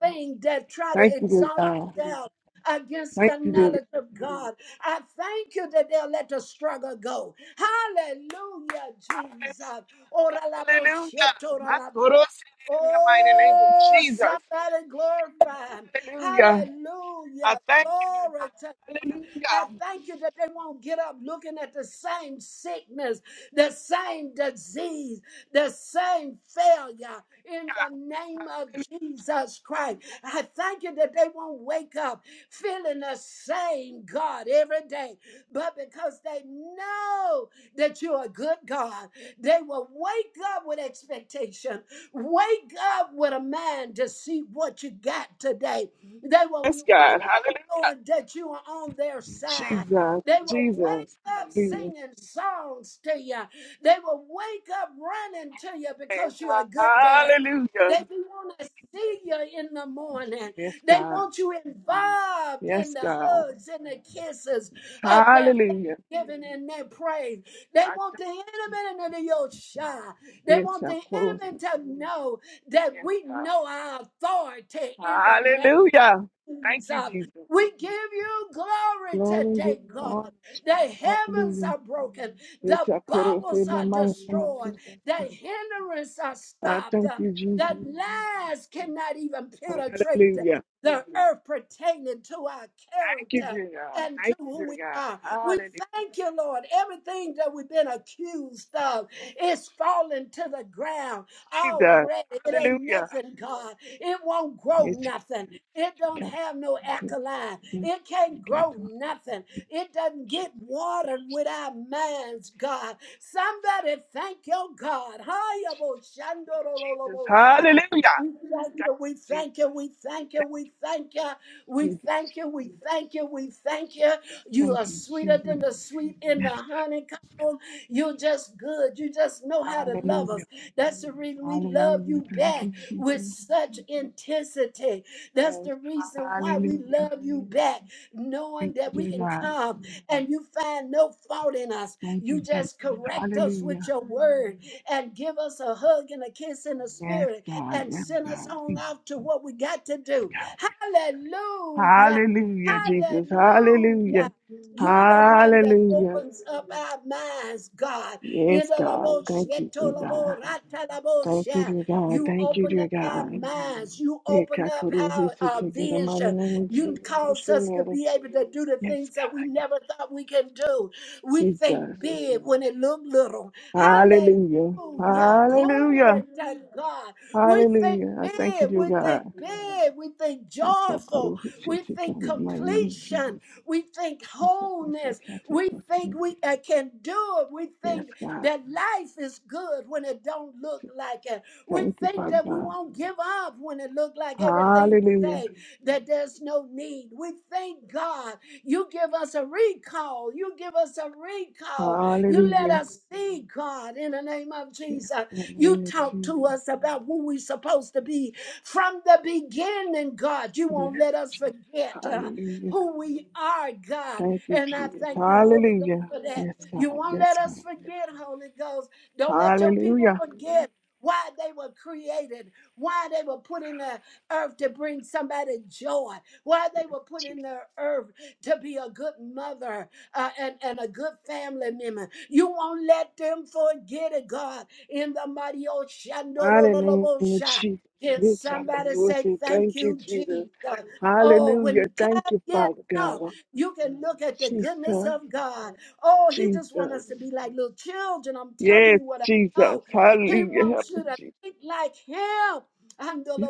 thing that try to Thank you, dear exalt God. themselves against Thank the you, dear God. knowledge of God. I thank you that they'll let the struggle go. Hallelujah, Jesus. Ora la bo Hallelujah. shit, ora I la- thrust it in the mighty name of Oh, Jesus. somebody glorify him. Hallelujah. I Hallelujah. thank you, dear Glory God. to I Hallelujah. thank you that they won't get up looking at the same sickness, the same disease, the same failure in the name of Jesus Christ. I thank you that they won't wake up feeling the same God every day, but because they know that you're a good God, they will wake up with expectation, wake up with a mind to see what you got today. They Yes, will wake God. Hallelujah. knowing that you are on their side. Jesus, They will Jesus, wake up hallelujah. singing songs to you. They will wake up running to you Yes, because you're a good dad. hallelujah. They want to see you in the morning. Yes, They God. want you involved in Yes, the God. hugs and the kisses of their Hallelujah. thanksgiving and their praise. They I want thank the you. Jesus. enemy to your shine. They Yes, want I the quote enemy you. to know that Yes, we know our authority in the God. name. Hallelujah. Thank you, Jesus. Jesus. We give you glory Glory to today, God. God. The heavens Hallelujah. are broken, Yes, the I quote you bubbles in the are mighty name of destroyed, the Jesus. hindrances are I stopped, thank the, you, the Jesus. lies cannot even penetrate the, Hallelujah. the earth pertaining to our Thank you, character. dear God. And to Thank you, who dear we God. are. We Hallelujah. thank you, Lord. Everything that we've been accused of is falling to the ground Jesus. already. It ain't Hallelujah. nothing, God. It won't grow Yes, nothing. It don't have no God. alkaline. Yes, It we can't got grow to. nothing. It doesn't get watered with our minds, God. Somebody thank your God. Jesus. Hayaboshandorololobosha. Hallelujah. Thank We you, Jesus. thank you, we thank you, we thank you, we thank you, we Thank you, Jesus. thank you, we thank you, we thank you. You Thank are you, Jesus. Thank you, sweeter than Jesus. the sweet in the Yes, God. honeycomb. You're just good. You just know how to love hallelujah. us. That's the reason we love Hallelujah. you Thank back you, with Jesus. such intensity. That's Yes, the reason why we hallelujah. love you back, knowing Thank you, that we dear can God. come and you find no fault in us. Thank you, You Jesus. just correct us with Hallelujah. your word and give us a hug and a kiss in the Yes, spirit God. and Yes, send us God. on Thank out to what we got to you, do. God. Hallelujah. Hallelujah, Jesus. Hallelujah. Hallelujah. You're the one that Hallelujah. opens up our minds, God. In Yes, God. Thank you, dear God. Thank you, Inalaboshetolaboratalabosha. dear God. You Thank you, open dear up our God. minds. You Hey, open up Katoru, he's our, to our the mighty vision. name of You Jesus. I'm cause sure, us to Mary. be able to do the Yes, things that God. we never Yes, thought we can do. We think God. Jesus. big when it look little. Hallelujah. Hallelujah. Glory Hallelujah. to God. We think Hallelujah. I thank you, big. dear We think God. big. We think Yes, joyful. Katoru, he's to We think the mighty name of completion. Jesus. We think Yes, I will say, wholeness. God, take We us think in. we uh, can do it. We Yes, think God. that life is good when it don't look like it. We Thank you, think Father that we God. won't give up when it looked like everything Hallelujah. say that there's no need. We thank God. You give us a recall. You give us a recall. You let Hallelujah. us see God in the name of Yeah. Jesus. In the You name of talk to Jesus. us about who we're supposed to be from the beginning, God. You won't Yes. let us forget uh, Hallelujah. who we are, God. Thank you, And I Jesus. thank you, Holy Ghost, Hallelujah. for that. Yes, You God. won't Yes, let us God. forget, Holy Ghost. Don't let your people Hallelujah. forget why they were created, why they were put in the earth to bring somebody joy, why they Yes, were put Jesus. in the earth to be a good mother uh, and, and a good family member. You won't let them forget it, God, in the mighty Hallelujah, Oshandorolobosha. Jesus. Can Lift our somebody voice say thank Thank you, you, Jesus. Jesus? Oh, Hallelujah. when Thank time you, gets Father up, God. you can look at the goodness Jesus. of God. Oh, He just wants Jesus. us to be like little children. I'm telling Yes, you what I know. Jesus. He Hallelujah. Help wants us, you to Jesus. think like him. Yes,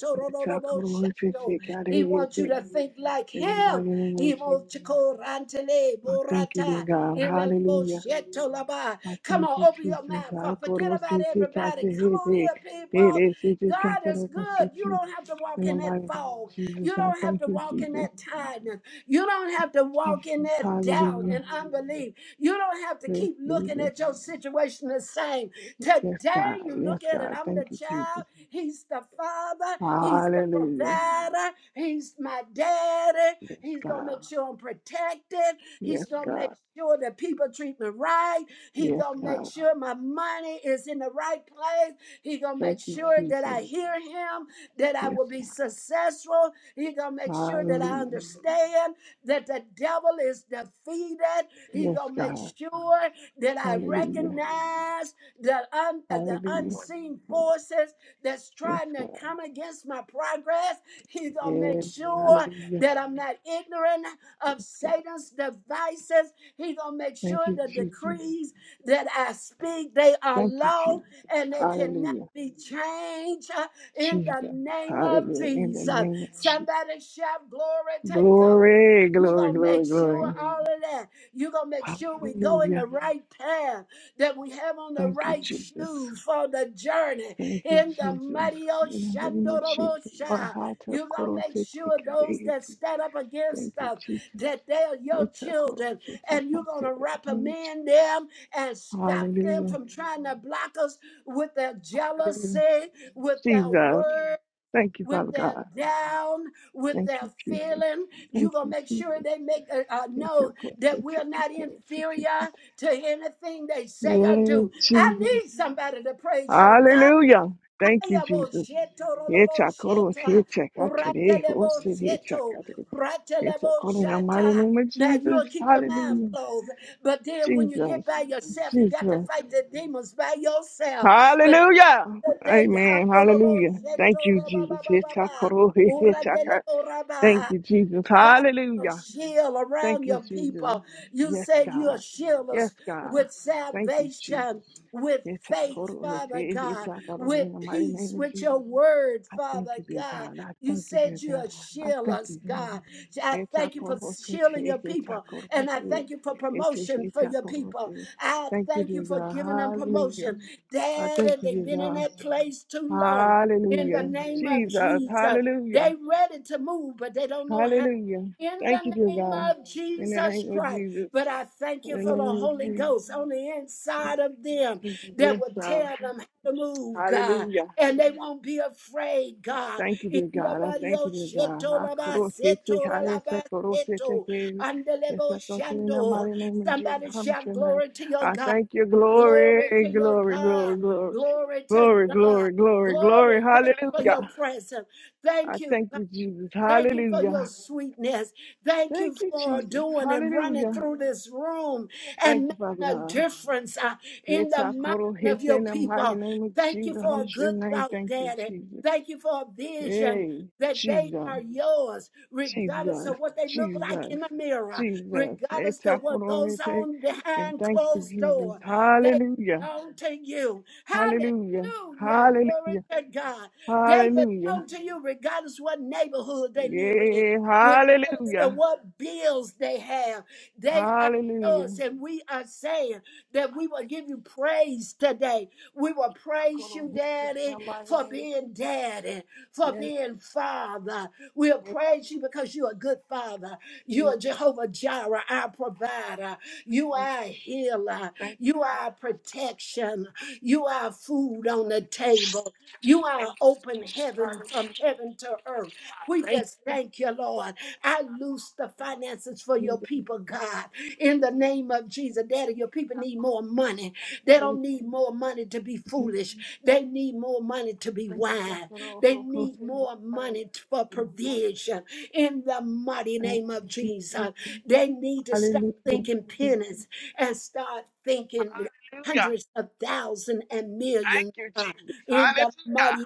God. Lift our voice Take out of He here. wants you Take to think like in the him. mighty name He of Jesus. wants you to go rantele I thank you, dear borata. God. Hallelujah. Indeloboshetolaba. I Come thank on, you, open your Jesus. mouth. I up. go Forget to about city, got to everybody. Come hit on it. here, It people. is city, got God to is local good. You city. don't have to walk In the in that mighty name fog. of Jesus, You I don't have thank to you, walk in Jesus. that tiredness. You don't have to walk in Jesus, that doubt hallelujah. and unbelief. You don't have to Yes, keep looking Jesus. at your situation the same. Yes, Today, God. you Yes, look at it. God. I'm the Thank you, child. Jesus. He's the father. He's the Hallelujah. provider. He's my daddy. Yes, He's going to God. make sure I'm protected. He's Yes, going to make God. sure that people treat me right. He's Yes, going to make God. sure my money is in the right place. He's going to Thank make you, sure that Jesus. I hear him, that I Yes, will be God. successful. He's going to make sure that I Hallelujah. understand that the devil is defeated. He's Yes, gonna make God. sure that I Hallelujah. recognize the un, uh, the Hallelujah. unseen forces that's Yes, trying to God. come against my progress. He's gonna Yes. make sure Hallelujah. that I'm not ignorant of Yes, God. Satan's devices. He's gonna make Thank sure you, the Jesus. decrees that I speak they are Thank you, law Jesus. and they cannot Hallelujah. be changed uh, in the Jesus. name of Hallelujah. In the Jesus. name of Jesus. Somebody shout glory to God. Glory, You're glory, going to make glory, sure glory. all of that. You're going to make sure we go in Hallelujah. the right path, that we have on the Thank you, right Jesus. shoes for the journey. Thank you, In the Jesus. mighty In the name of Jesus. Lord, Oshandorobosha, how to you're going koro to make te te sure kare those te. that stand up Thank against you, us, Jesus. that they are your Eta koro children, te te and you're kare going te. to you, reprimand them and stop them Hallelujah. from trying to block us with their jealousy, Hallelujah. with their Jesus. words Thank you, with Father their God. down, with Thank their you, Jesus. feeling. You're Thank going you, to make sure Jesus. they make uh, uh, Yes, know that we're not inferior to anything they say or do. I Jesus. need somebody to praise your God. Hallelujah. Thank you, Jesus. Yechakoros, yechakatere, hosir, yechakate. Yechakore, In the mighty name of Now Jesus. you'll keep your mouth Hallelujah. closed, but then when you get Jesus. by yourself, you got to Jesus. fight the demons by yourself. But Hallelujah. today. Amen. handle Hallelujah. seto Thank you, roba ba Jesus. ba ba ba. Yechakoro, Ura dele yechakate. ora Thank you, Jesus. God, a Hallelujah. shield Thank around you, your Jesus. people. You Yes, said you'll God. shield Yes, us God. with Thank you, Jesus. salvation, with faith, Yetakoto, Father yete- God, yetakato, with In the mighty peace, name of with your Jesus, word, I thank Father you, dear God. God. I You thank you, dear said God. you'll I shield thank us, you, dear God. God. I thank you for Yetakoto, shielding yete- your people, yetakoto, and I yete- thank you for yete- promotion for your yetakoto, people. yete. I Thank you, thank dear you for God. giving them Hallelujah. promotion. I Dad, thank and you, they've dear been in God. that place too long. In the Hallelujah. name of Jesus. Jesus, Hallelujah. they ready to move, but they don't know how Hallelujah. in Thank you, the dear name God. of In the Jesus name of Christ. Jesus. But I thank In you the for the name of Holy Jesus. Ghost on the In inside of them Jesus. that Yes, will God. tell them how to move, God, Hallelujah. and they won't be afraid, God. Thank you, In dear the God. I body thank you, of dear God. Sheto I Laba cross it, take Seto out it, Laba take cross it, take Seto, it. Yes, I Andelebo go to in the Shando. mighty name of Jesus. Somebody I'm sure shout name. glory to your I God. thank you, Glory glory, to your glory, God. glory, glory, Glory to glory, God. glory, glory, glory. Glory. Thank you for your Hallelujah. presence. I Thank you. thank you, Jesus. Thank you for your Hallelujah. sweetness. Thank Thank you you, for Jesus. doing and running Hallelujah. through this room Thank and you, Father making a God. difference uh, in It's the our mind total hit of your in the mighty people. name of Thank you Jesus. for a I'm sure good name. thought, Thank you, Daddy. Jesus. Thank you for a vision Hey, that they Jesus. are yours, regardless Jesus, of what they look like in Jesus, the mirror, Jesus. regardless of what goes Etakorete. on And behind thank you, closed Jesus. door. They Hallelujah. belong to you. Hallelujah. Hallelujah. Glory Hallelujah. to God. They Hallelujah. belong to you regardless what neighborhood they live in, Yeah. regardless of Hallelujah. what bills they have. They are Hallelujah. yours, and we are saying that we will give you praise today. We will praise you, Etakorete. In Daddy, the mighty for name. being Daddy, for Yes. being Father. We'll praise you because you're a good Father. in You're Jesus' Jehovah Jireh, our provider. You name. are a healer. Thank you, You God. are a protection. You are food on the table. You are Thank open you, Jesus. heaven from Hallelujah. heaven to earth. We just thank you, Lord. I loose the finances for your people, God. In Thank the you. name of Jesus, Daddy, your people need more money. They Hallelujah. don't need more money to be foolish. They need more money to be wise. They need more money t- for provision. In the mighty name of Jesus, they need to stop thinking Hallelujah. pennies and start thinking hundreds of thousands and Thank millions you, Jesus. in the Hallelujah. mighty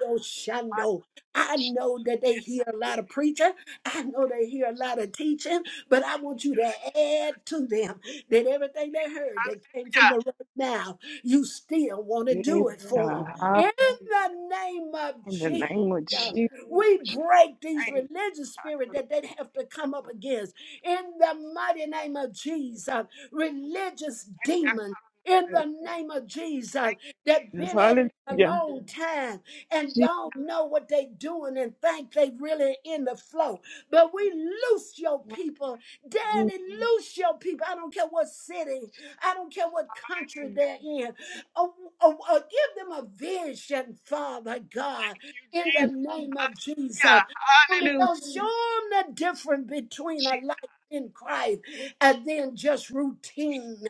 My Oshando. Lord I Jesus. know that they Yes, I hear a will lot of be preaching. thankful. I know they hear a lot of teaching, but I Thank you, want you to God. Yes. add to them that everything Yes. they heard that came from Hallelujah. the right now, you still want to Yes, do it for God. them. In Hallelujah. the name of In the name Jesus. of Jesus. I We promise you, I'll break be these religious spirit that they have to come up thankful. against in the mighty name of Jesus. Religious Thank you, God. I could have demons been in thankful. the name of Jesus Thank that you, Jesus. been at it a Hallelujah. long time and Jesus. don't know what they doing and think they really in the flow. But we loose your people. Danny, loose your people. I don't care what city, I don't care what country Hallelujah. they're in. Oh, oh, oh, give them a vision, Father God, Thank you, in the Jesus. name of Hallelujah. Jesus. Holy Hallelujah. Ghost, show them the difference between a Jesus. life in Christ and then just routine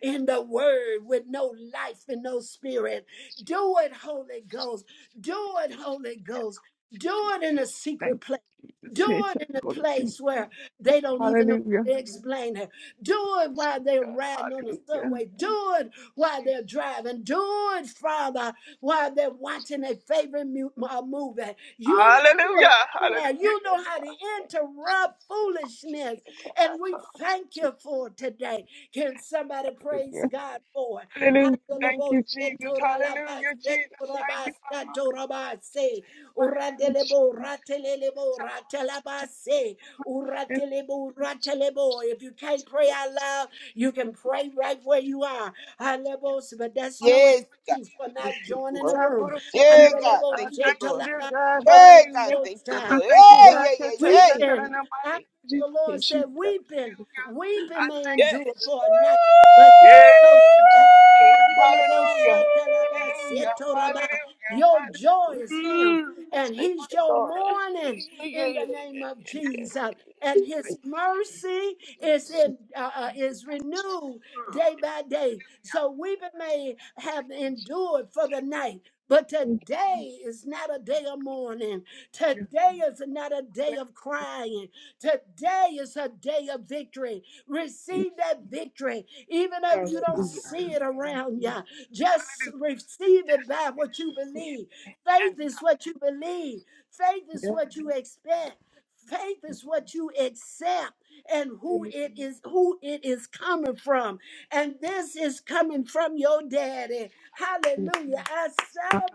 in the word with no life and no spirit. Do it, Holy Ghost. Do it, Holy Ghost. Do it in a Thank secret place. you, Jesus. Do Hey, It's a it in a quality. place where they don't even know Hallelujah. how to explain it. Do it while they're Jesus. riding on the Hallelujah. subway. Do it while Jesus. they're driving. Do it, Father, while they're watching a Jesus. favorite mu- uh, movie. You know you are Hallelujah. in there. You Hallelujah. Yes, know how God. to Thank interrupt you. God. It's foolishness. And we a thank you quality. for it today. Can somebody praise Hallelujah. God for it? Hallelujah. Thank you, Jesus. Hallelujah, Jesus. Thank you, Father. In the mighty name of Jesus. Uratelebo, ratelelebo, ratalabase. Mighty Uratelebo, ratelebo. If you can't pray out loud, you can pray right where you are. Halebos, but that's no Yes, name of God. excuse for Jesus. Thank not you, joining the Lord. room. Sakura-tete. Yeah, God. I Handelebo, Thank you, thank you, Lord. dear shetalaba, God. Yeah, God. Hallelujah. Thank you, shetalabosa. I Lord. thank you, Yeah, God, God. yeah, Can't yeah, take yeah. care that Weeping. in the mighty After Yeah, name of Jesus. the yeah, Lord said, Weeping, Hallelujah. I weeping may yeah. thank you, yeah. endure for a night, Jesus. but he Yeah. no joy. Handelebo, Hallelujah. shatalaba, Hallelujah. Hallelujah. setoraba. Your Hallelujah. joy is him, Mm, and thank he's you, your Lord. morning Yeah, yeah, in yeah, the name yeah. of Yes, God. Jesus. And I his just mercy thank you, is in Jesus. uh, uh, is renewed day by day. Hallelujah. So we may have Thank you, Jesus. endured for the night, but Thank you, today is not a thank day of mourning. you. Hallelujah. Today is not a day Thank of crying. Today is a day of victory. you, Receive that victory, even if Mm. you Jesus. God. don't see it around you. Just Hallelujah. receive Yes, it by what you believe. yes, Faith is what you believe, faith yes, is God. what you expect. Faith is what you accept and Yeah, who it is who it is coming from. And this is coming from your daddy. Hallelujah. I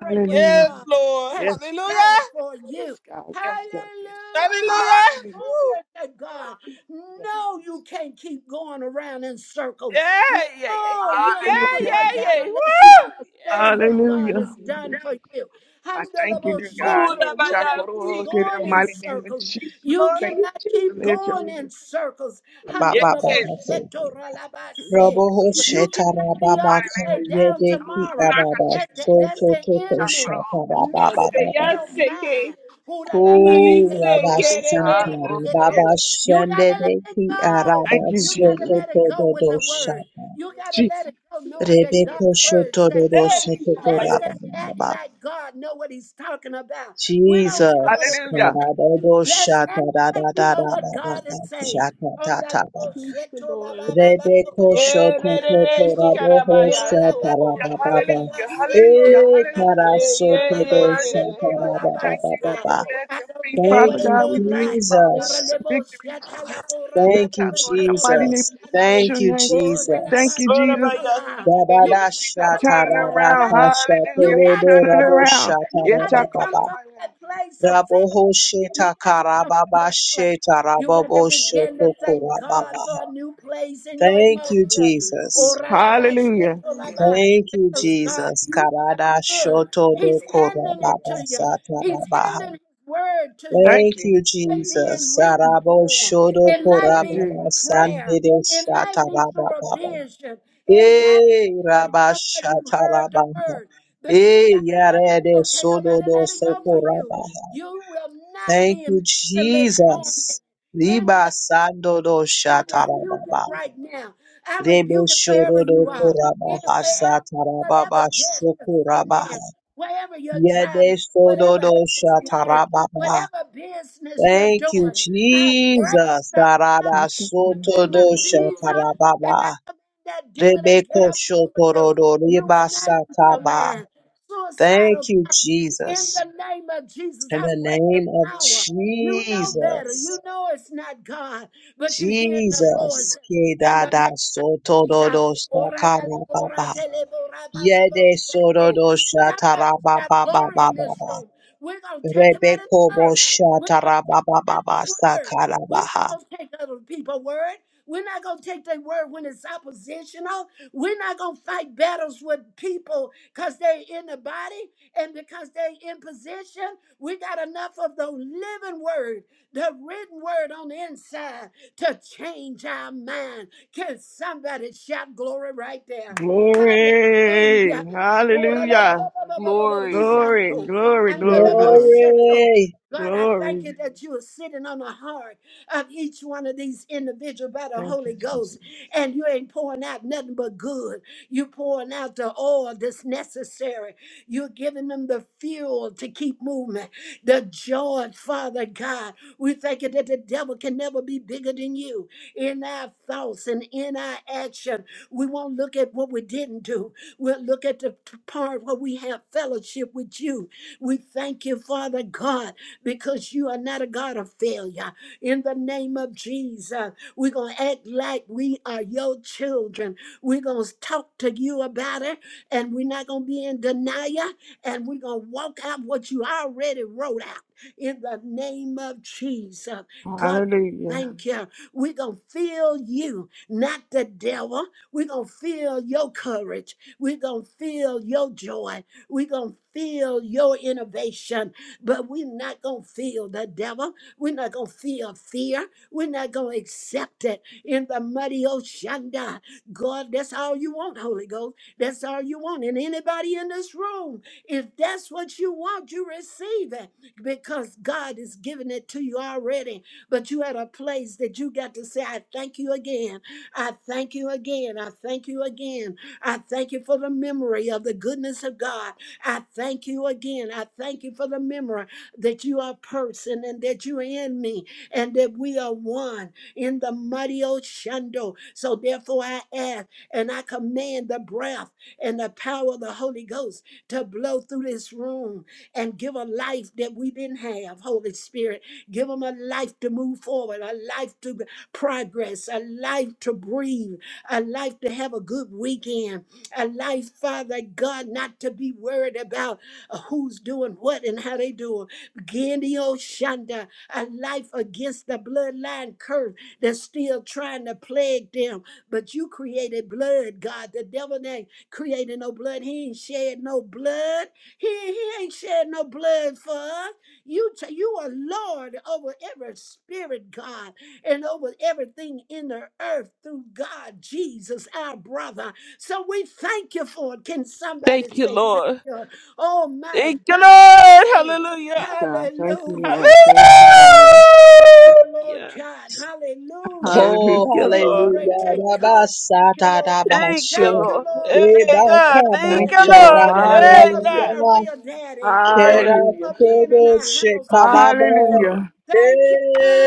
Hallelujah. what Hallelujah. Yes, God Lord. Yes, has done Hallelujah. yes, God. for you. Yes, God. Yes, God. Yes, God. Hallelujah. Hallelujah. Hallelujah. Woo. Glory to God. No, you can't keep going around in circles. Yeah, yeah, yeah, Oh, yeah, you'll Hallelujah. yeah, never Hallelujah. yeah, break out yeah. Woo. unless you Yeah, yeah. understand what yeah. God Hallelujah. has done for you. I thank you, dear Ooh, God. that Handelabosheto. by It's You our can't y'all keep seek in the it, going in mighty name of circles. Jesus. You Lord. Thank cannot keep you, Jesus. Let your- going in circles. Bababababo. Yes. Handelabosheto ralabase. Roboho You cannot In the be up mighty Shetarababaka name of today, Jesus. down Come Yedeki on, tomorrow. talk to Araba That, Jesus. that- that's Soto the Toto Talk to enemy Yeah, that messing by with Shatarabababa. y'all your seek it. mind. Ku Jesus. Dice Huralabasheto que Eh, le I will Rabasantari veíase, say Baba ratalabasheto. You got to let it Shandedeki go. Thank you, You got so to Jesus. to let it go with to a word. Shata. You got to Jesus. let it go knowing that God's Rebeko word says Shotoro so. que she Soto got a Jesus. my Let's speech just act Rabababa. like God know what he's talking about. We don't care what Jesus. it ka, looks Hallelujah. ra like. do do Let's sheta act ra like ra we ra know ra ba what ba God ba is saying. sheta On ta, the ta, Shatatata. level, to sheto la ba Lord. ba ba, ko Rebeko la Yeah, shoto yeah, ba, yeah, toto yeah, she sheto, got rabo a my ora hosha la so ba, cold, Yeah, taraba eh, sheto la baba. baby. ba, hallelujah. sheto Hallelujah. la E ba ba Hallelujah. ba Yeah, karaso Jesus. ba ba yeah, ba Your yeah, todo word yeah, is yeah, sheto la Jesus. la We shataraba ba thank baba you, so sa. Jesus. baba. We cold. let I your don't feet, care Father what Thank it you, God. We looks thank you, like. Father God, Ora for the Jesus. le victory, sheta la Jesus. bo, ra Yeah, ba Thank ba you, talk ba, on ka the la mighty bo, name. of Jesus. Jesus. I'm shando. Thank sure you, name. Oh, la We la thank ba, Jesus. you, Lord, I'm Jesus. a sheto yassi, la. que le Baba You da veíase, she got I'm a- come turning from shatara that da around. place. kasha Hallelujah. You He's todo got to do turning come rabo up. around. You Yes, got I to shataraba call come baba. him from my that refuge. place of Rabo fear. hoshe You got to takara come from baba that place. she You tarabo got to bosho begin to thank tokora God baba. for a new place in your Thank you, emotion. Jesus. Ora la ba Hallelujah. ba. Thank you, Because God, Jesus. you are Karada good. shoto do He's handing it korababa to you. He's satarabaha. handing his word to you Thank Thank you. you, might be in Jesus. written Sarabo form. shodo It might Thank be you, Jesus. korababa through sande prayer. de It might be through a shatarababa. vision. It might be Eh, from raba somebody you heard shatarababa. the word. But you Eh, gotta let it yarede go. Can't sodo nobody do let it go for you. sokoraba. You will not Thank be you, mentally tormented. Jesus. in the Riba sando do I rebuke it shatarababa. right now. I Rebe rebuke it wherever shodo do you are, koraba in wherever, whatever desk you're sitting hasatarababa in, wherever you're driving, whatever house you're in, Yadesododoshatarababa. whatever business you're Thank you, doing. I break Jesus. the I Sarada took you, in my the name of sotodo sister. Jesus. And I shatarababa. command that demon to get Rebeko up off of you. shotorodo You will not lose your ribasataba. mind. Suicidal Thank you, thoughts. In Jesus. the name of Jesus, In I the break the name of power. You know better. You Jesus. know it's not God, but you hear the voice Jesus. in the Kedada name of Jesus. sotododo Ora la la ora shakarababa. te le ba ba bo Yede te no. sododo Somebody's got glory in this shatarababa. room. We're going to take him at his Rebeko word. We're going to take him at his Boshatarababa word. We're not Sakarabaha. going to take other people's word. We're not going to take their word when it's oppositional. We're not going to fight battles with people because they're in the body and because they're in position. We got enough of the living word, the written word on the inside to change our mind. Can somebody shout glory right there? Hallelujah. Glory. Hallelujah. Glory. Glory, Oralalababababababoshando. glory, glory, glory. Andalaboshando. Glory. God, I thank you Glory. that you are sitting on the heart of each one of these individuals by the Thank you, Holy Ghost. Jesus. And you ain't pouring out nothing but good. you pouring out the oil that's necessary. You're giving them the fuel to keep moving, the joy, Father God. We thank you that the devil can never be bigger than you in our thoughts and in our action. We won't look at what we didn't do. We'll look at the t- part where we have fellowship with you. We thank you, Father God, because you are not a God of failure in the name of Jesus. We're going to act like we are your children. We're going to talk to you about it, and we're not going to be in denial, and we're going to walk out what you already wrote out in the name of Jesus. God, Hallelujah. thank you. We're going to feel you, not the devil. We're going to feel your courage. We're going to feel your joy. We're going to feel your innovation, but we're not going to feel the devil. We're not going to feel fear. We're not going to accept it in the mighty Oshanda. God, that's all you want, Holy Ghost. That's all you want. And anybody in this room, if that's what you want, you receive it because God is giving it to you already. But you at a place that you got to say, I thank you again. I thank you again. I thank you again. I thank you for the memory of the goodness of God. I thank you again. I thank you for the memory that you are a person and that you're in me and that we are one in the mighty Oshando. So therefore I ask and I command the breath and the power of the Holy Ghost to blow through this room and give a life that we didn't have, Holy Spirit. Give them a life to move forward, a life to progress, a life to breathe, a life to have a good weekend, a life, Father God, not to be worried about uh, who's doing what and how they do it Genio Shanda, a life against the bloodline curse that's still trying to plague them. But you created blood, God. The devil ain't created no blood. He ain't shed no blood. He, he ain't shed no blood for us. You, t- you are Lord over every spirit, God, and over everything in the earth through God, Jesus, our brother. So we thank you for it. Can somebody Thank you, say thank Lord. you? Oh my Thank you, God. Lord. Hey, Yes, Hallelujah. God. Thank you, hallelujah. Lord. Hallelujah. Thank Thank you, you, Lord. Lord. Thank you, Lord God. Hallelujah. Oh, Hallelujah. Thank you, Lord. Glory hallelujah. to God. Thank you, Lord. Thank Rabasatarabashu. you, Thank you, Lord. Lord. Thank Hey, you for God. your Thank Thank you, you, presence. Lord. Lord. Thank you Hey, for being Hallelujah. God. a Rebakamashadarababa. Thank real daddy. you, Thank Lord. you Hallelujah. for being Kerakodo in our house, in our Thank Shekaraba. you, land. Lord. Hallelujah. Thank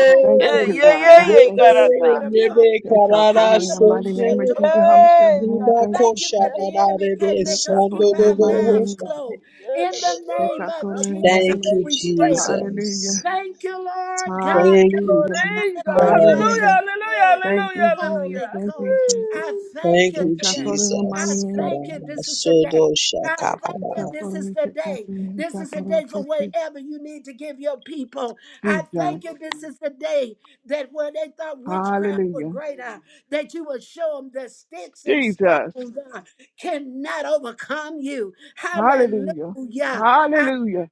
I thank that you, Yeah, we dear yeah, God. yeah, born I yeah, of thank Rebe, the you, God, I dear God. thank Spirit of you. God. Rebe Yes, I Karara call on the mighty name of Sunde. Jesus. How Hallelujah. your Hey, name? God, I Thank Ribako thank you, Thank you that Jesus. the you. enemy Shadararebe can't Yes, make I us keep the our mighty Sandodobo. name mouths of Jesus. closed. Yeah, the In the Lord, Yes, you're name I of awesome. the God, I Jesus, name Thank of you, thank we you, Jesus. pray. God, I Jesus. Hallelujah. Thank you, Lord God. thank Can Thank you, you, Lord. Hallelujah. Somebody Hey, God, thank him out of hallelujah, Jesus. your Hallelujah. hallelujah, spirit. Thank you, hallelujah, Jesus. Holy hallelujah. Thank you, Ghost, Jesus. I Woo. thank Thank you Yes, you, I today. call on the I mighty Jesus. name of thank you. Jesus. Karada This is the sodo day. I thank Yes, you. shakabara. I call This on is the the check out day. your This is the day for whatever you need to give your people. I Jesus. thank you. This is the day that where they thought witchcraft were Hallelujah. greater, that you will show them that sticks and Jesus. stones uh, cannot overcome you. Hallelujah. Hallelujah. I Hallelujah.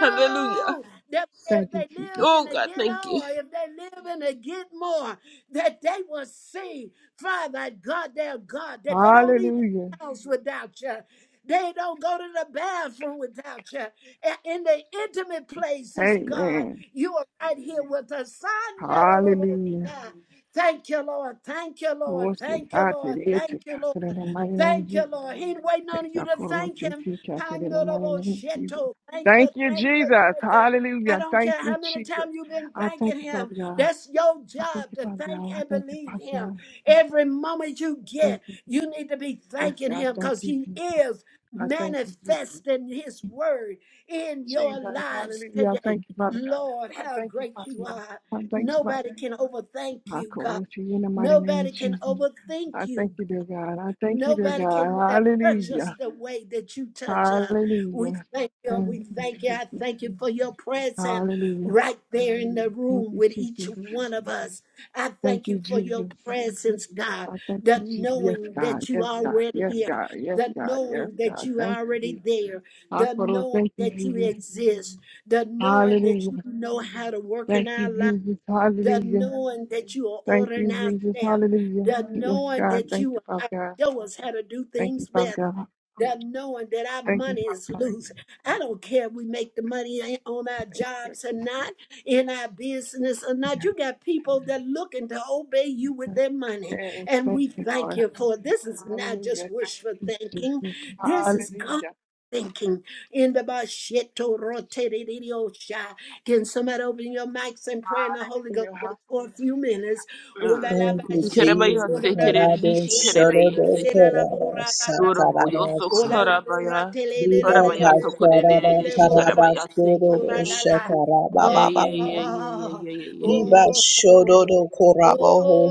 Hallelujah. that if Thank you, they Jesus. live in Oh, the God, thank ghetto you. or if they live in the get more, that they will see, Father God, their God, that they don't leave Hallelujah. the house without you. They don't go to the bathroom without you. A- In the intimate places, God, Amen. you are right here with us. Hallelujah. God. Thank you, Lord. Thank you, Lord. Lord, to Thank you, God Lord. today, Thank to you, Lord. God in the mighty name of Thank you, Jesus. Lord. He ain't waiting Yes, on you I to call on thank to him. to God today in the mighty Pandorable name of Jesus. sheto. Thank you, Thank you, thank you, Jesus. thank you. I Hallelujah. don't Thank care how you, many Jesus. times you've been I thank thanking you, him. Father God. That's your I thank job you, to Father thank God. I and thank you, believe Father him. God. Every moment you Thank get, you. you need to be Yes, thanking God. him Thank because you, he Jesus. is I thank you, Jesus. manifesting his word in your Jesus. lives Hallelujah. I today. thank you, Father Lord, God. I how thank you, great Father you God. are. I thank you, Father Nobody can overthank I you, God. call to you in the mighty name of Nobody can Jesus. overthink I thank you, you, dear God. I thank you, dear Nobody can God. uh, touch us Hallelujah. the way that you touch us. We Hallelujah. thank you. We Thank thank you. you, I Jesus. thank you for your presence Hallelujah. right there in the Thank room you, with each Jesus. one of us. I Thank thank you, you for your Jesus. presence, God. I thank The you, Jesus. Yes, knowing God. that you Yes, are God. already Yes, here, God. Yes, the God. Yes, knowing that God. you Thank are already you. there, I the call knowing thank you, that you Jesus. exist, the knowing that Hallelujah. you know how to work in Thank you, our lives Jesus. the Hallelujah. knowing that you are Thank you, ordering our Jesus. step, Hallelujah. the Yes, knowing God. that Thank you you, Father are God. showing us how to do Thank you, things Father better God. that knowing that our Thank you, money Father is [laughs] God. loose. I don't care if we make the money a- on our Thank you. jobs or not, in our business or not. You Jesus. got people that looking to obey you with their money. Yes, And thank we you, thank Lord. you for it. This is not just Hallelujah. Thank wishful you, thinking. Jesus. This is God. Hallelujah. Thinking in the basheto roteririosha. Can Thank you. somebody open your mics and pray in the Holy Ghost just Hallelujah. for a few minutes? Ola Mm. la Thank you, basheto, Kerabaya Jesus. ola la sekere, Karado lishi basheto, la kerabaya shodo basela sekere. la bora, korada Yorobo, satarada yoso Ola so. la borra karabaya. tele le le Viva le le Karabaya sokore, le le le le le kasharada le lishi borra karaba karabaya sodo cora sekere. la la. shakaraba Yeah, Oh, baba. yeah, yeah, yeah, yeah, oh, yeah, yeah, yeah, Viva yeah. oh, shodo oh, korabo ho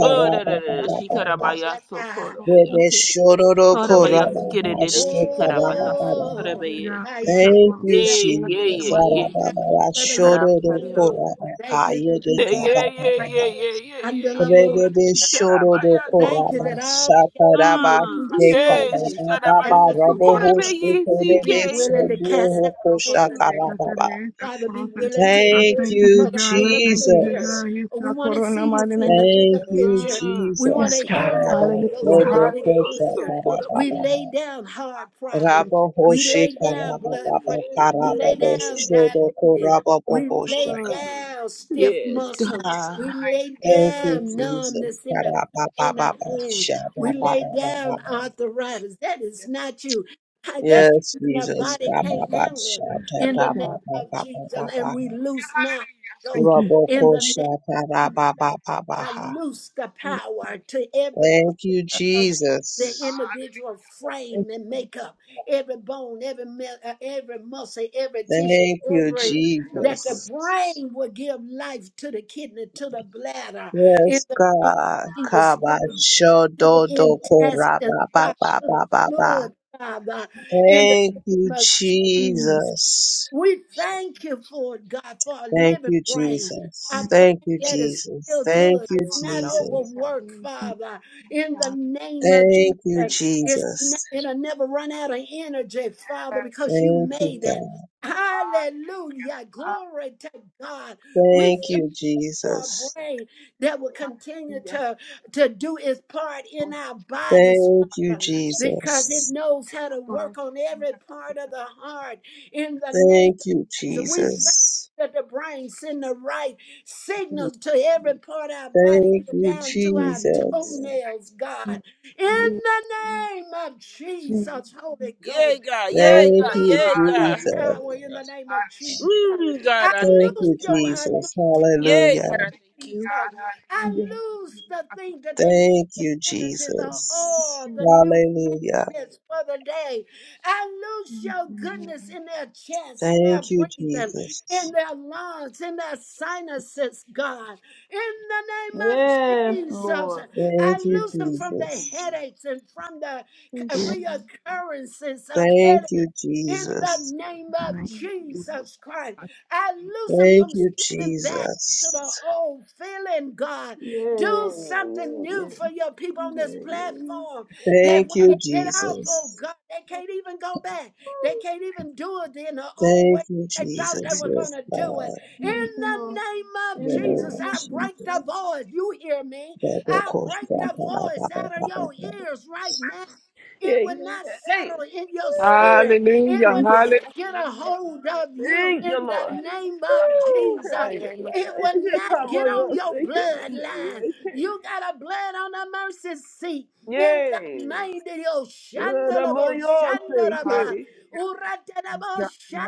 Oh, da, da, da, da. baba Ay, She cut out by baba. your so called abusanda. Hallelujah. up with your Ure. Rebe kid. shodo Hold up by your so koraba kid, Thank you, and ha God. then she Thank you, cut out dear by your shekaraba God. I thank baba. cut you, out by Oh, dear your- God. ay, It's our ay, ay, Thank corner. yeah. you, ay. I Yeah, yeah, did it in the Jesus. yeah, mighty Ora yeah. name la ba- Arababa, ba- She of ba- our cut ya- corner. out shodo It's by do your yando. koraba, our Thank corner. you kaye that It's de you yeah, yeah, hear. our corner. yeah, It's Right. yeah, kababa, yeah, yeah, And the yeah, our corner. yeah. labor. It's our corner. rebebe In She cut out shodo by do your call. the Thank you koraba, that mighty name of all we Jesus. do sataraba, is Mm, It's our corner. It's our de be corner. yeah, In she children kababa, cut out the by and baba, your let name so you rabo of called up help by Jesus. us hoshko, yeah, Yes, rebebe be it's CK. willing to sobo cast out our hokosha cares. corner. It's Mm, our karababa. corner. It's our Father, be corner. It's our corner. willing yeah. to I Thank hear thank you, you you, dear for the God. I bigger thank you, dear picture. Jesus. God. It's our We want to corner. In the see you mighty in name the of Thank bigger Jesus. you, picture. Mm. We want Yes, to Jesus. Yeah. hear God. you, Holy Karada, Ghost, Hallelujah. in Hold the shodo up by bigger Hallelujah. your kosha picture. so called up by We yeah. karababa. lay down I hard thought I said, problems. Rabo take out We the Hoshe lay judge. down Karaba blood pressure. Baba yeah, We yeah. Karaba lay Thank you, down Jesus. yeah. Boshodo diabetes. Koraba We lay Thank Bohoshaka. Mm. you, Jesus. down stiff Yes, muscles. God. We Thank you, lay Jesus. Thank you, down Jesus. numbness in the Thank Karaba you, Jesus. in our Baba Thank hand. Shada We you, Jesus. lay Baba down Baba. arthritis. That is Yes, not you. I- That's the Yes, reason our Jesus. body God. Thank you, Jesus. can't Karaba handle it Shada in Yes, the name Baba God. of Jesus. Baba And Baba. we loose now, Hallelujah. Holy Thank Ghost, you, Rabo in the name Kosha of Jesus. Karaba Baba I Jesus. Baha. loose the power to every Thank you, part Thank of you, Jesus. the Jesus. Hallelujah. individual Thank you, Jesus. Hallelujah. Yes, God. frame and makeup, every bone, every mil- uh, every muscle, every tissue, Thank you, every Thank you, Jesus. that the Jesus. brain will give life to the kidney, to the bladder, in Yes, the name God. of Jesus, to Kaba the to the Shodo intestines, Koraba Baba God, to the Baba Baba. fluid, Father, in the Thank you, name of Jesus. Jesus. We thank you for it, God, for a Thank living you, brain. a Jesus. Thank brain you, that is Jesus. still Thank good. you, It's not Jesus. overworked, Hallelujah. Yes. Father. In the God. name of Jesus. Thank you, It's not, Jesus. Yes. it'll never run out of energy, Father, because you Thank you, made it. God. Hallelujah. Hallelujah. Ah, Glory to God. We Thank Thank you, you, for a Jesus. brain that will continue Hallelujah. to to do its part in Lord our bodies Thank you, Father, Jesus. because it Jesus. knows how to Lord, I work thank on every you part for of the heart in this the name Thank of you, Jesus. We thank you Jesus. that the brain send the right in the name of Jesus. signals to every part of our body, Thank even you, down to Jesus. our Thank toenails, God. In you, the name of Jesus. Jesus, Holy Yeah, Ghost, God. I Yeah, Thank God. you, Hallelujah. lose Yeah, your God. Hallelujah. Jesus. power in the Yeah. name of Jesus. Hallelujah. Mm, God, I I Thank thank you. lose you, your Hallelujah. anointing Jesus. Jesus. in the Yeah, Hallelujah. I God, I name of thank you, thank dear Jesus. you. God. I Hallelujah. lose the Hallelujah. I thank thing you. that they need, Thank the you, energy, the Jesus. oil, the new Hallelujah. goodness for the day. I loose your goodness in their chest, in their Thank you, breathing, in Jesus. their lungs, in their sinuses, God. In the name of Yes, Jesus, Lord. I Thank you, loose them from the Jesus. headaches and from the Thank you. Yeah. Lord. reoccurrences of Thank you, headaches. In the Jesus. name of Thank you, Jesus. Jesus Christ, I thank I you, loose them Thank from you, slipping back to the Jesus. old feeling, God. Yeah, yeah, Do yeah, something yeah, new yeah. for your people on this yeah, yeah. platform that Thank when God. you, they get out, oh Jesus. God, they can't even go back. They can't even do it in the old way. Thank you, They thought they Jesus. were going Yes, to do God. it. Thank In you, the Lord. name In of the In the name Jesus, of name of I break the Jesus. Jesus. voice. You hear me? I break the voice out of your ears right now. It Yeah, yeah. will not yeah. Hey. settle in your spirit. It Hallelujah. will Thank you, Hallelujah. Lord. get a hold of you Thank you, in the Lord. name of I pray in Woo, the Jesus. mighty thank you, name of Lord. It Jesus. Is will it not come get on on your your thinking? bloodline. M-A-A-K. You got a blood on the mercy seat in the Yay. mighty name of Good I'm Shandalabo, on your Shandaraba, thinking. Hallelujah. thank you, Uratanabo, dear God.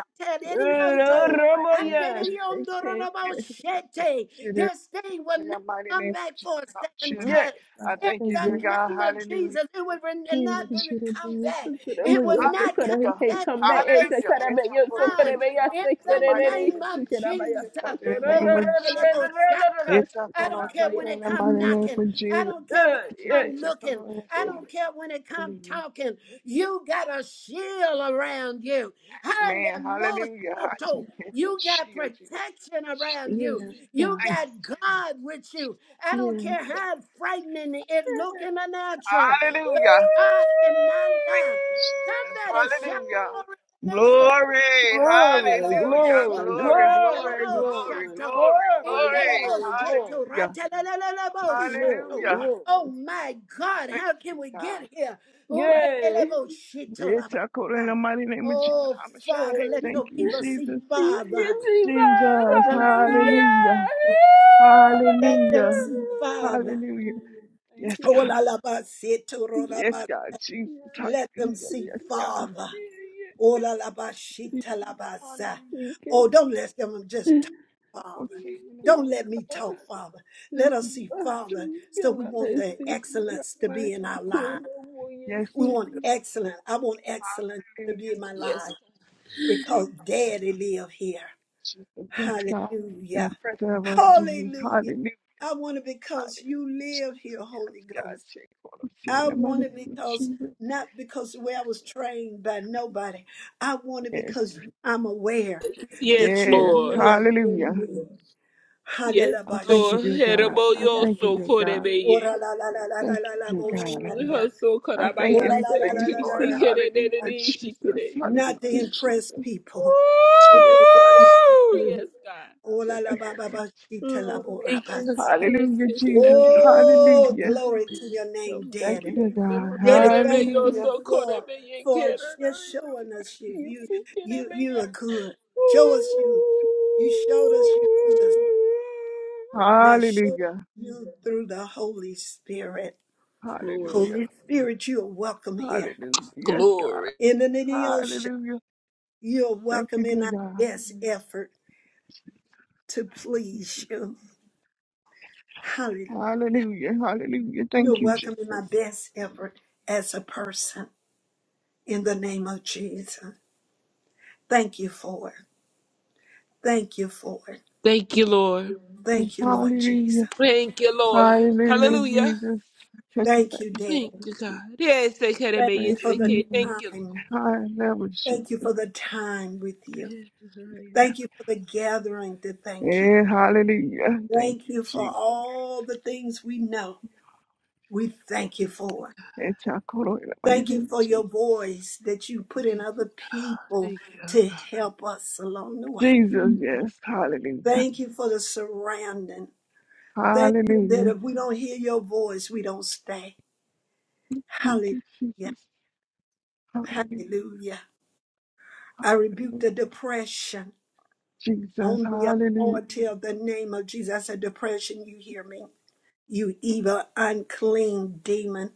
It's a Good I'm on and kind your thinking. Deriondorabo, Shete. This thing will In the not mighty come name of Jesus. It's considered in the mighty name of back Jesus. for Help a us second Yes. tonight. time. God, I I In thank you, Thank dear you. the God. name of Hallelujah. Jesus, it will re- Please, not be- you could have come been back. so good. I'm It on will your so not good. come He Hallelujah. can't back come back. for It's a a Hallelujah. kind It's of a your so photo to good. take time I'm on your out in In the thinking. And the mighty then he name name of he of Jesus, can have to my take out so Jesus. in the good. I'm name on of Jesus. Orakeleboshata. It's a I photo don't to care take your when in it the come mighty name knocking. of I Jesus. don't care when Yeah, It's it a yeah, come it's a looking. photo in the I yeah, sky. don't care when it come Hallelujah. talking. You got a shield around you. Man, hallelujah. I Hallelujah. take it to You got shield Jesus. protection Jesus. around you. yeah, You God. Thank got you, Jesus. God with you. I don't Yeah. care how Jesus. frightening it look in the natural, but Hallelujah. God cannot Thank lie. you, Jesus. Somebody shout Hallelujah. glory in this room Glory. Glory, glory, Hallelujah. glory, glory, sheto Glory, glory, ratalebo glory, glory, shato. glory, glory, glory. Indelebo glory, glory, sheto Hallelujah. ratalelelebo shato. Hallelujah. glory. Oh my I God, thank how you, can we dear God. get here? Yay. Uratelebo sheto Yes, I call in the labaka. mighty name of Jesus. Oh How much your Father, name? let Yay. Thank your you, people see Jesus. Thank Father. you, Jesus. Let Jesus. them see your Hallelujah. Hallelujah. let them Hallelujah. see Father. Hallelujah. Thank Yes, you. Oh, God. la, la, ba, se, to, ro, la, Yes, ba. God. Jesus. Thank Let them Hallelujah. see Yes, God. Father. Ola la la ba shi ta la ba sa. Hallelujah. Oh, don't let them just talk, I call Father. in the you, Don't Jesus. mighty let name me of Jesus. talk, Father. Let Thank you, us see, Lord. Father. Thank So we want the excellence you, to be Lord. in our Thank lives. you, Yes, We Lord. want Jesus. excellence. I want excellence to Hallelujah, be in my Yes. life because Daddy live here. Jesus. Yes, God. In the Hallelujah. presence of us, Jesus. Hallelujah. Hallelujah. I want it because you Hallelujah, live Jesus. here, Yes, Holy God. Ghost. Take all of sin. In I the mighty want name it of because Jesus. not because the way I was trained by nobody. I want it Yes. because I'm aware Yes, that you Yes. Lord. live Hallelujah. in me. Yes, I thank Hadalabash. you, Lord. dear God. I thank you, Heraboyoso dear God. korebeye. Ora la la la la la Thank la la you, dear God. Mm, boshanda. Haso I thank you Ora these la karabayase la la things, la la la Lord. kisi la. kere la. Hallelujah, kerererere Jesus. shikere. Not to Hallelujah, impress Jesus. people. Yes, God. Woo! Yes, God. Ora la ba ba ba shita la Mm, bo ra Thank ba. you, God. Yes, Hallelujah, yes, Jesus. kerebeye. Oh, Hallelujah. glory to your Help name, me Thank you, Daddy. dear return the God. memory. Daddy, thank Hallelujah. you Kerebeyoso for korebeye for just kerererere showing us you. You kisi you you kerebeye. are good. Woo! Show us you. You showed us you through this. Now show us Hallelujah. you through the Holy Spirit. Glory. Hallelujah. Holy Spirit, you are welcome here. Hallelujah. Yes, God. Glory. In the name of Yahshua, Hallelujah. you are Thank you, welcome in dear our God. best effort to please you. Hallelujah. Hallelujah. Hallelujah. You're Thank you, welcome in Jesus. my best effort as a person in the name of Jesus. Thank you for it. Thank you for it. Thank you, Lord. Yes, Thank you, Lord hallelujah. Jesus. Thank you, Lord. Thank, Hallelujah, Hallelujah. Jesus. Take up thank you, that machine, Thank Daddy. you, God. Jesus. Yes, I can Thank obey. you Yes, Fresh for I the can. new. Thank you, Lord. time. High level, Thank you Jesus. for the time with you. Yes, Thank Lord. you for the gathering to thank you. Yeah, hallelujah. Thank Thank you, you for Jesus. all the things we know. We thank you for. it. It's our call in the mighty Thank you name of for your Jesus. voice that you put Thank in other people you, God. to help us along the way. Jesus, yes. Hallelujah. Thank you for the surrounding. Thank you Hallelujah. that if we don't hear your voice, we don't stay. Thank Hallelujah. you, Jesus. Hallelujah. Hallelujah. I rebuke Hallelujah. the depression Jesus. on the Hallelujah. authority of the name of Jesus. I said, Depression, you hear me? You evil, unclean demon.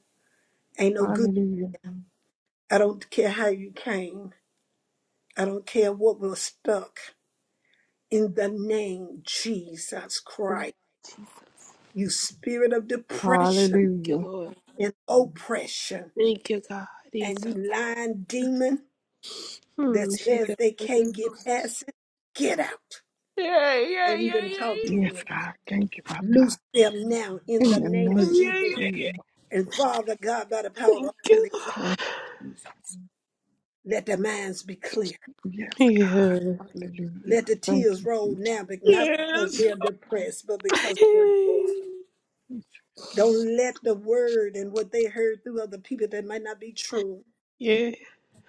Ain't no good. Hallelujah. I don't care how you came. I don't care what was stuck. In the name Jesus Thank Christ, you, Jesus. Thank you spirit of depression you, Hallelujah. Lord. and oppression, Thank you, God. and you Jesus. lying demon that Hmm. She says can. they Yeah, can't get past it, get out. yeah, yeah, Don't yeah, even yeah, talk to Yes, you. God. Thank you, Father God. Loose them now in In the the name of name yeah. of Jesus. Jesus. yeah. And Father God, by the power of the Thank you. Holy Lord. Ghost, Thank you, Jesus. let their minds be clear. Yes, Yeah. God. Hallelujah. Let the Thank tears you, roll Jesus. now, but not because Yes. Yes, they're depressed, but because they're [laughs] joyful. yes. Don't let the word and what they heard through other people that might not be true Yeah. yeah.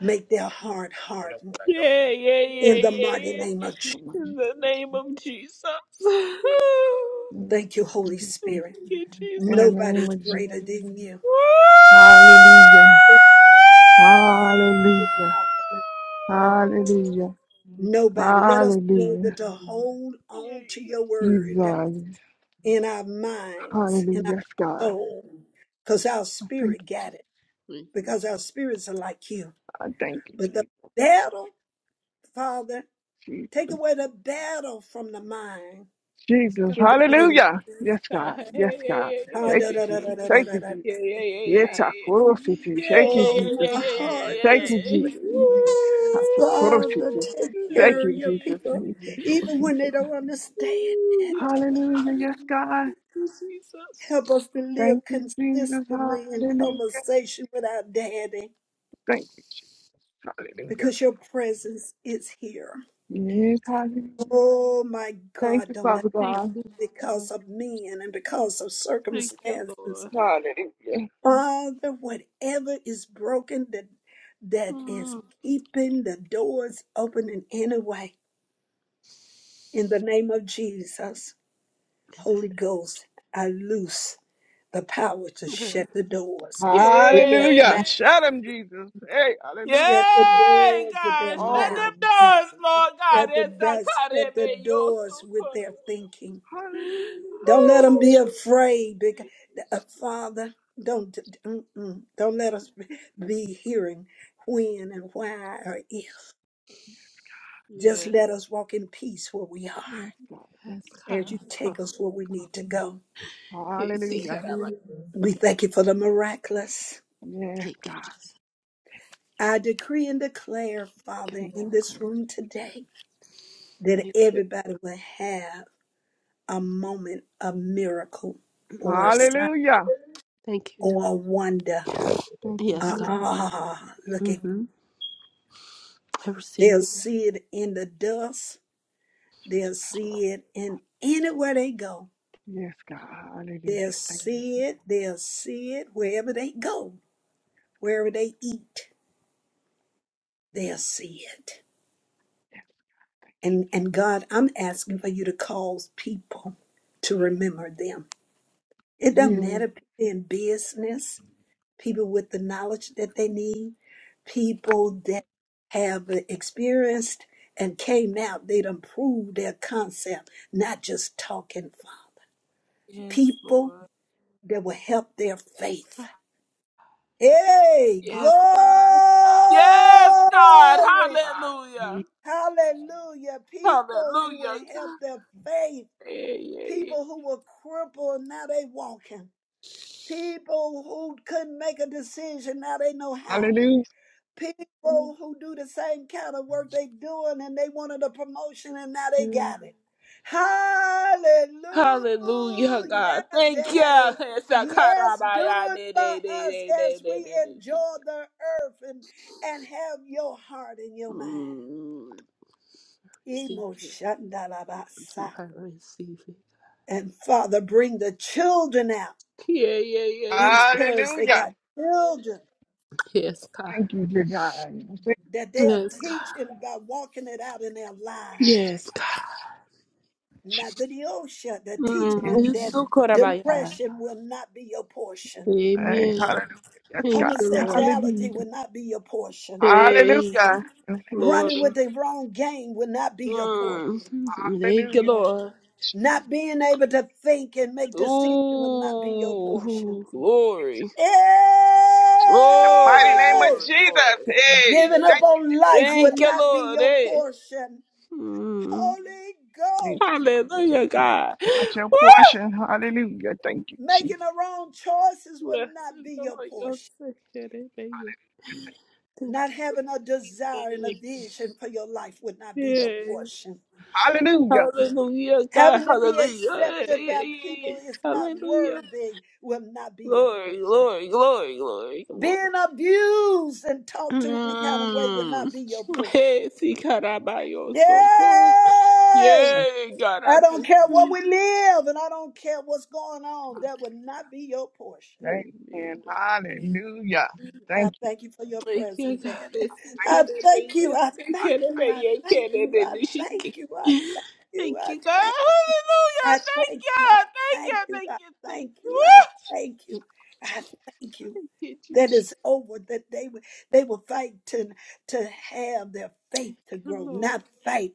make their heart harden. Yeah, yeah, In the yeah, mighty yeah, name of Jesus. In the name of Jesus. [laughs] Thank you, Holy Thank Spirit. you, Jesus. In the name of Jesus. In the name Nobody's of greater Jesus. than you. Hallelujah. Hallelujah. Hallelujah. [laughs] Nobody. Let us be able Hallelujah. to hold on to Yay. your word Jesus. in our minds, in our Hallelujah. Yes, God. soul, because our I Thank spirit got it, Thank you, because our spirits are like you. I thank you, But the Jesus. battle, Father, take Jesus. away the battle from the mind Jesus. Jesus. God. in the name Hallelujah. Yeah, Yes, of God. yeah, yeah, Yes, yeah, yeah, God. Thank you, yeah, Jesus. Thank you, [laughs] Jesus. yeah, yeah, yeah, yeah, yeah, yeah, yeah, Yetakoro city. yeah, yeah, Thank yeah, you, Oh, yeah, yeah, Jesus. my yeah, yeah, heart yeah, Thank is you, yeah. Jesus. Woo. bleeding. Hatakoro Father, city. take Yeah, yeah, Thank care you, of your yeah, Jesus. people, yeah. Yetakoro even when they city. don't understand. Woo, yeah. Hallelujah. Thank Yes, God. you, Jesus. Help us to live Thank you, Jesus. consistently in Hallelujah. conversation with our daddy Thank you, Jesus. Hallelujah. because your presence is here. Yes, hallelujah. Oh my Thank God, you, don't let Father Thank it God. you, be Lord. because of men and because of Thank you, circumstances. Lord. Hallelujah. Father, whatever is broken that that is Mm. keeping the doors open in any way, in the name of Jesus, Holy Ghost, I loose the power to shut the doors with their Yeah. Hallelujah. mouth, Shout him, Jesus. Hey, hallelujah. shut the Yay, doors with their God, all shut mouth, of them them, doors, Jesus. Lord God. shut the It's a dust, shut the carebe, you're doors so with good. their thinking Hallelujah, Don't hallelujah. let them Woo. be afraid, because uh, Father, don't mm-mm, don't let us be hearing when and why or if. Just Yeah, let us walk in peace where we are, Yes, God. Thank that's you, God. Jesus. as you take Oh, us where we need to go. yeah, see, God, Hallelujah. I'm- We thank you for the miraculous. Yes, Thank you, God. Jesus. I decree and declare, Thank Father, you. Yes, in Lord. I call this it. room today, that Thank you. everybody will have a moment of miracle or Mm, a sign Hallelujah. Thank you. or a wonder. God. Thank you, Yes, Jesus. God. Ah, uh, look at Mm-hmm. I receive They'll it. see it in the dust. Jesus. They'll see it in anywhere they go. Yes, God. They'll Hallelujah. Thank see you, it. They'll see it wherever they go, wherever they eat. They'll see it. And and God, I'm asking for you to cause people to remember them. Jesus. It doesn't matter Yes. if they're in business, people with the knowledge that they need, people that have experienced and came out, they done proved their concept, not just talking, Father. Yes, people Lord. that will help their Yes, God. faith. Hey, Yes, glory! God. Yes, God. Hallelujah. yes. Hallelujah. People who Hallelujah. will help their faith, Yeah, yeah, people who were crippled, and now they walking. People who couldn't make a decision, now they know how. Hallelujah. people who do the same kind of work they doing and they wanted a promotion and now they yeah. got it. Hallelujah, Hallelujah, God. Thank you. Daddy. Yes, do Sakarabaya, it de- for de- de- us de- de- as de- we de- de- enjoy Jesus. the earth and, and have your heart in your mind. Mm, Receive it. Emoshandalabasa. I receive it. And Father, bring the children out. Yeah, yeah, yeah, These yeah. parents, they Hallelujah. got children Yes, God. Thank you, dear God. Thank you, that they are Yes, God. teaching by walking it out in their lives. Yes, God. Jesus. Nathaniosha, they're teaching Yes, them Mm, that Sukarabaya. depression will not be your portion. Hey, Amen. hallelujah. Yes, God. Thank you, Lord. Homosexuality will Hallelujah. not be your portion. Hey, Hallelujah. In the name of Running Lord. Jesus. with the wrong game will not be your portion. Mm. [laughs] Thank you, Hallelujah. Lord. Not being able to think and make decisions will not be your portion. Ooh, In glory, the mighty glory, name of Hey! glory, Jesus. glory. Hey, Giving up thank on life will Thank you, not be Lord. your Eh? portion. Mm. Holy you, Ghost, Hallelujah, Jesus. God. Out your Woo! portion. Hallelujah. Thank you, Jesus. making the wrong choices will Blessed not be be your your portion. second name. Thank Not having a desire and a you. vision for your life would not be your Yeah. portion. Hallelujah. Hallelujah, God. Having to be Hallelujah. Yeah, yeah, accepted yeah. by yeah. people is not Hallelujah. worthy, will not be your Glory, portion. glory, glory, glory, glory. Being abused and talked to any kind of way will Mm. not be your [laughs] portion. Hey, si carabayo Yay! so cool. Jesus. Yay, God, I I don't thank care what you. we live and I don't care what's going on. That will not be your portion. Amen. Amen. Hallelujah. I Thank you, thank you for your Thank you, presence, God. Daddy. It's the kid I of the Jesus. thank year. you. It's I the kid thank of you. the I year. thank Kid of you. the I year. She ki- thank you. I thank you. I Thank you, God. thank you. I Hallelujah. Thank thank you. I you. Thank thank you. you. Thank I you. Thank thank you. you. I Woo! thank you. I thank you. Thank you, Thank you, That Jesus. Jesus. is over. That they would they will fight to to have their faith Thank to you, grow, Lord. not fight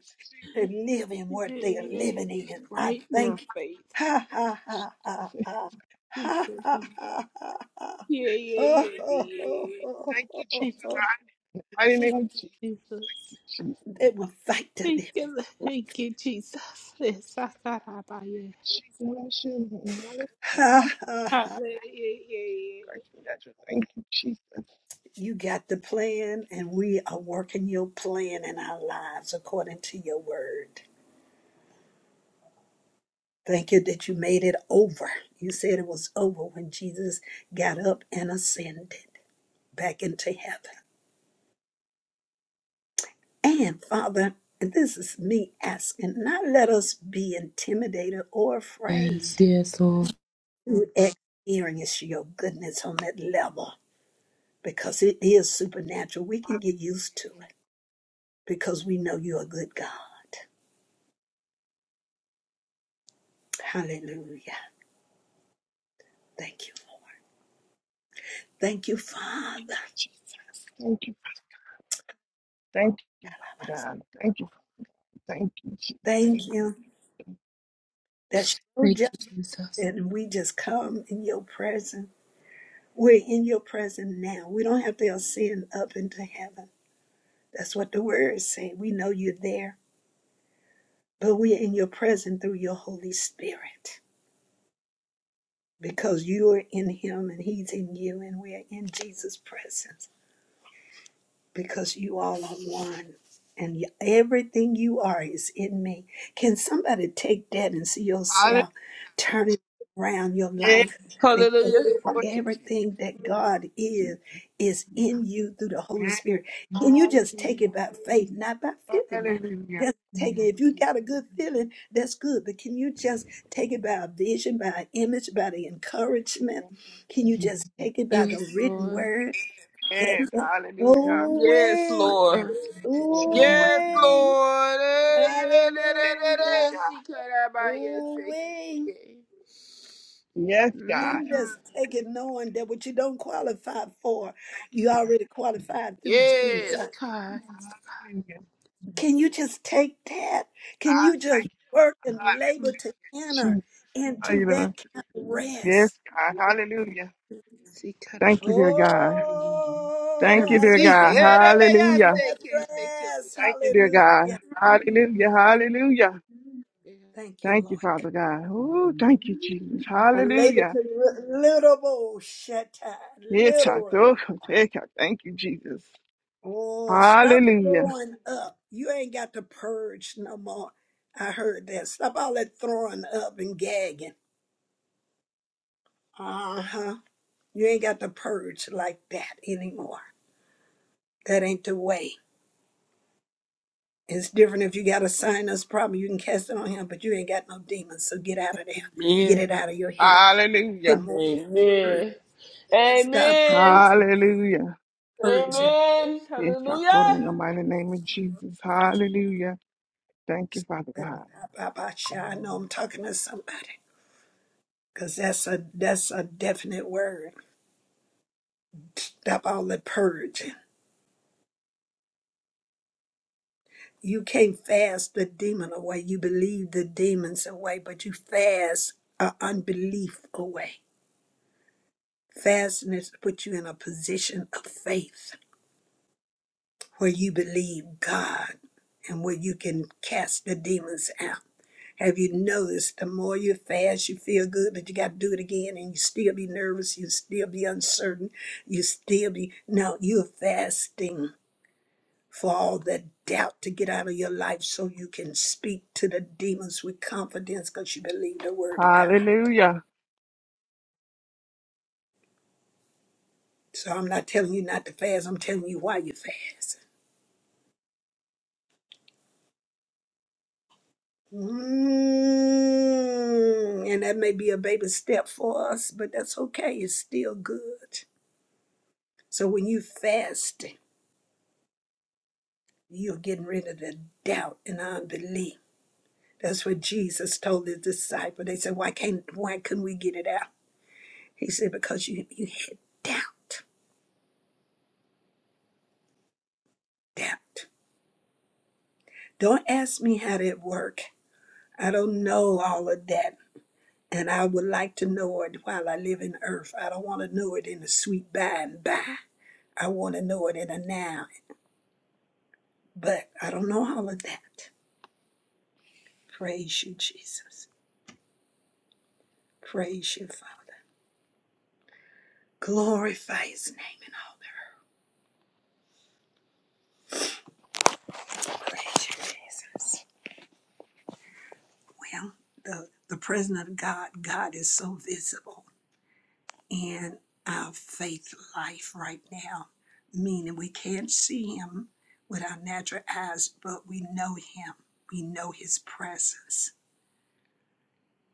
to live in what Yeah, they are yeah, living yeah. in. I Right now, thank you. faith. Ha ha ha ha ha Thank ha you. ha God. ha ha. ha. [laughs] Yeah, Oh, yeah, oh, oh, yeah, oh, Thank oh, you, yeah. oh, Jesus. oh. I didn't Thank even you, Jesus. Thank you, Jesus. Jesus. They will fight to Thank live. you, thank you, Thank Jesus. you. I Yes, I received it thought about you. in the mighty name of Jesus. Ha ha ha Hallelujah. Thank you, Jesus Christ, for that. Thank you, Jesus. You got the plan, and we are working your plan in our lives according to your word. Thank you that you made it over. You said it was over when Jesus got up and ascended back into heaven. And Father, and this is me asking, not let us be intimidated or Yes, afraid yes, Lord. to experience your goodness on that level because it is supernatural. We can get used to it because we know you're a good God. Hallelujah. Thank you. Thank you, Father. Jesus. Thank you. Thank you, Father God. Thank you. Thank you, Jesus. Thank you. That's your Thank job. you, Jesus. And we just come in your presence. We're in your presence now. We don't have to ascend up into heaven. That's what the words say. We know you're there, but we're in your presence through your Holy Spirit because you are in him and he's in you and we are in Jesus' presence. because you all are one and y- everything you are is in me. Can somebody take that and see Hallelujah. yourself turning around your Yes. life? Because Hallelujah. What you everything that God is, is in you through the Holy Yes. Spirit. Can you just take Hallelujah. it by faith, not by feeling now? Hallelujah. Just take it. If you got a good feeling, that's good. But can you just take it by a vision, by an image, by the encouragement? Can you just take it by Yes, the written Lord. word? Yes. [laughs] Hallelujah. Ooh Yes, My wee, name Lord. is Jesus. ooh name. Yes, wee, Lord. Eh, yeah, da, da, da, da. hallelujah, Hallelujah. She cut out by yes. ooh eh, wee. yeah. Yes, Can Mm. God. you just take it knowing that what you don't qualify for, Thank you, you Jesus. already qualified through Yes, Jesus? God. Hallelujah. Can you just take that? Can I you just thank you, work and Hallelujah. labor to enter Jesus. How into you that doing? kind of Yes, rest? God. Hallelujah. She cut out Thank by you, you. dear God. I Thank Oh, you, I dear receive it. labor God. to Yeah, that may enter I in Hallelujah. say, that Kay. Thank you, rest. Thank you, dear God. Hallelujah. Lord. Mhm. Hallelujah. Hallelujah. Thank you, Thank you, Lord. Father God. Oh, thank you, Jesus. I labor Hallelujah. to li- little bowl, shatta, It's a little. do- take a- Thank you, Jesus. Oh, stop Hallelujah. throwing up. You ain't got to purge no more. I heard that. Stop all that throwing up and gagging. Uh huh. You ain't got to purge like that anymore. That ain't the way. It's different if you got a sinus problem. You can cast it on him, but you ain't got no demons. So get out of there. Get it Amen. out of your head. Put Hallelujah. more word. Amen. Stop Amen. purging. Hallelujah. version. Amen. It's a glory Hallelujah. in the mighty name of Jesus. Hallelujah. Thank you, Father And God. I, I, I, know I'm talking to somebody because that's a that's a definite word. Stop all the purging. You can't fast the demon away. You believe the demons away, but you fast uh, unbelief away. Fasting is to put you in a position of faith where you believe God and where you can cast the demons out. Have you noticed the more you fast, you feel good, but you got to do it again and you still be nervous, you still be uncertain, you still be. No, you're fasting for all that doubt to get out of your life so you can speak to the demons with confidence because you believe the word of God. Hallelujah. So I'm not telling you not to fast, I'm telling you why you fast. Mm, and that may be a baby step for us, but that's okay. It's still good. So when you fast, you're getting rid of the doubt and unbelief. That's what Jesus told his disciple. They said, "Why can't? Why couldn't we get it out?" He said, "Because you you had doubt, doubt. Don't ask me how that worked. I don't know all of that. And I would like to know it while I live in earth. I don't want to know it in the sweet by and by. I want to know it in the now. But I don't know all of that. Praise you, Jesus. Praise you, Father. Glorify his name in all the earth. Praise you, Jesus. Well, the, the presence of God, God is so visible. in our faith life right now, meaning we can't see Him with our natural eyes, but we know Him. We know His presence.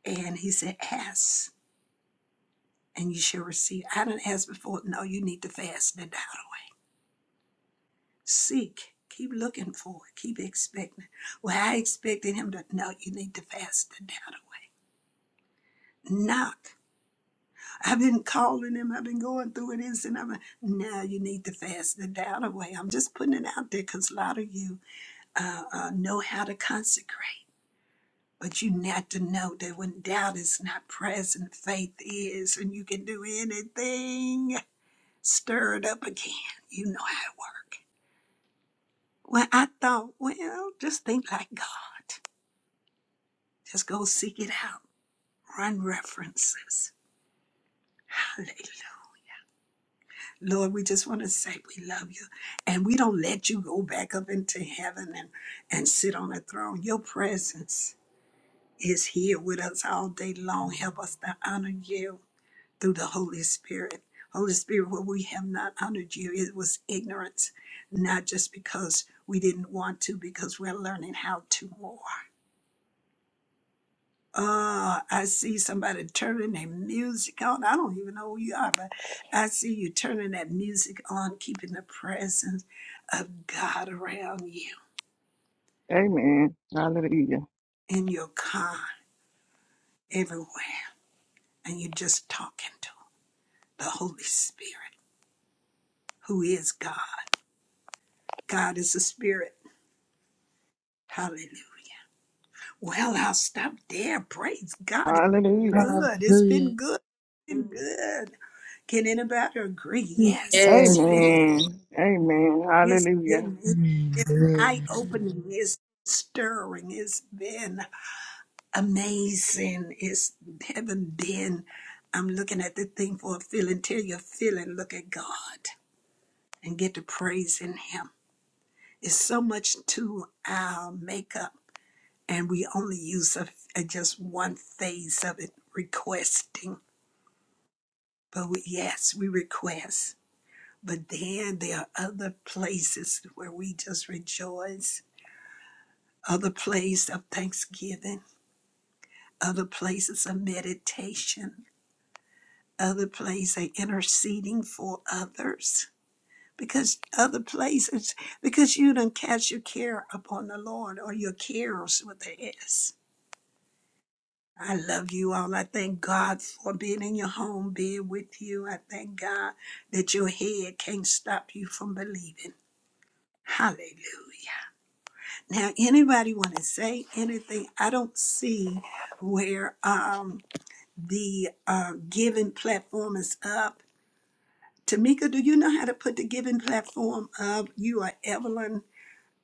And He said, Ask and you shall receive. I didn't ask before. No, you need to fast and die away. Seek. Keep looking for it. Keep expecting. Well, I expected Him to. No, you need to fast and die away. Knock. I've been calling him. I've been going through it is, and I'm like, now you need to fast the doubt away. I'm just putting it out there because a lot of you uh, uh, know how to consecrate, but you need to know that when doubt is not present, faith is, and you can do anything. Stir it up again. You know how it works. Well, I thought, well, just think like God. Just go seek it out. Run references. Hallelujah. Lord, we just want to say we love you. And we don't let you go back up into heaven and, and sit on a throne. Your presence is here with us all day long. Help us to honor you through the Holy Spirit. Holy Spirit, where we have not honored you, it was ignorance, not just because we didn't want to, because we're learning how to more. Uh, I see somebody turning their music on. I don't even know who you are, but I see you turning that music on, keeping the presence of God around you Amen. Hallelujah. in your car, everywhere. And you're just talking to the Holy Spirit, who is God. God is a spirit. Hallelujah. Well, I'll stop there. Praise God. It's been Hallelujah. good. It's Hallelujah. been good. It's been good. Can anybody agree? Yes, it's Yes, been Amen. Lord. Amen. It's Hallelujah. been it's been eye Amen. opening. It's stirring. It's been amazing. It's haven't been. I'm looking at the thing for a feeling. Tell your feeling. Look at God and get to praising Him. It's so much to our makeup, and we only use a, a- just one phase of it, requesting. But we, yes, we request. But then there are other places where we just rejoice other place of thanksgiving, other places of meditation, other place of interceding for others. Because other places, because you don't cast your care upon the Lord or your cares with the S. I love you all. I thank God for being in your home, being with you. I thank God that your head can't stop you from believing. Hallelujah. Now, anybody want to say anything? I don't see where. Um, the uh, giving platform is up. Tamika, do you know how to put the giving platform up? You are Evelyn.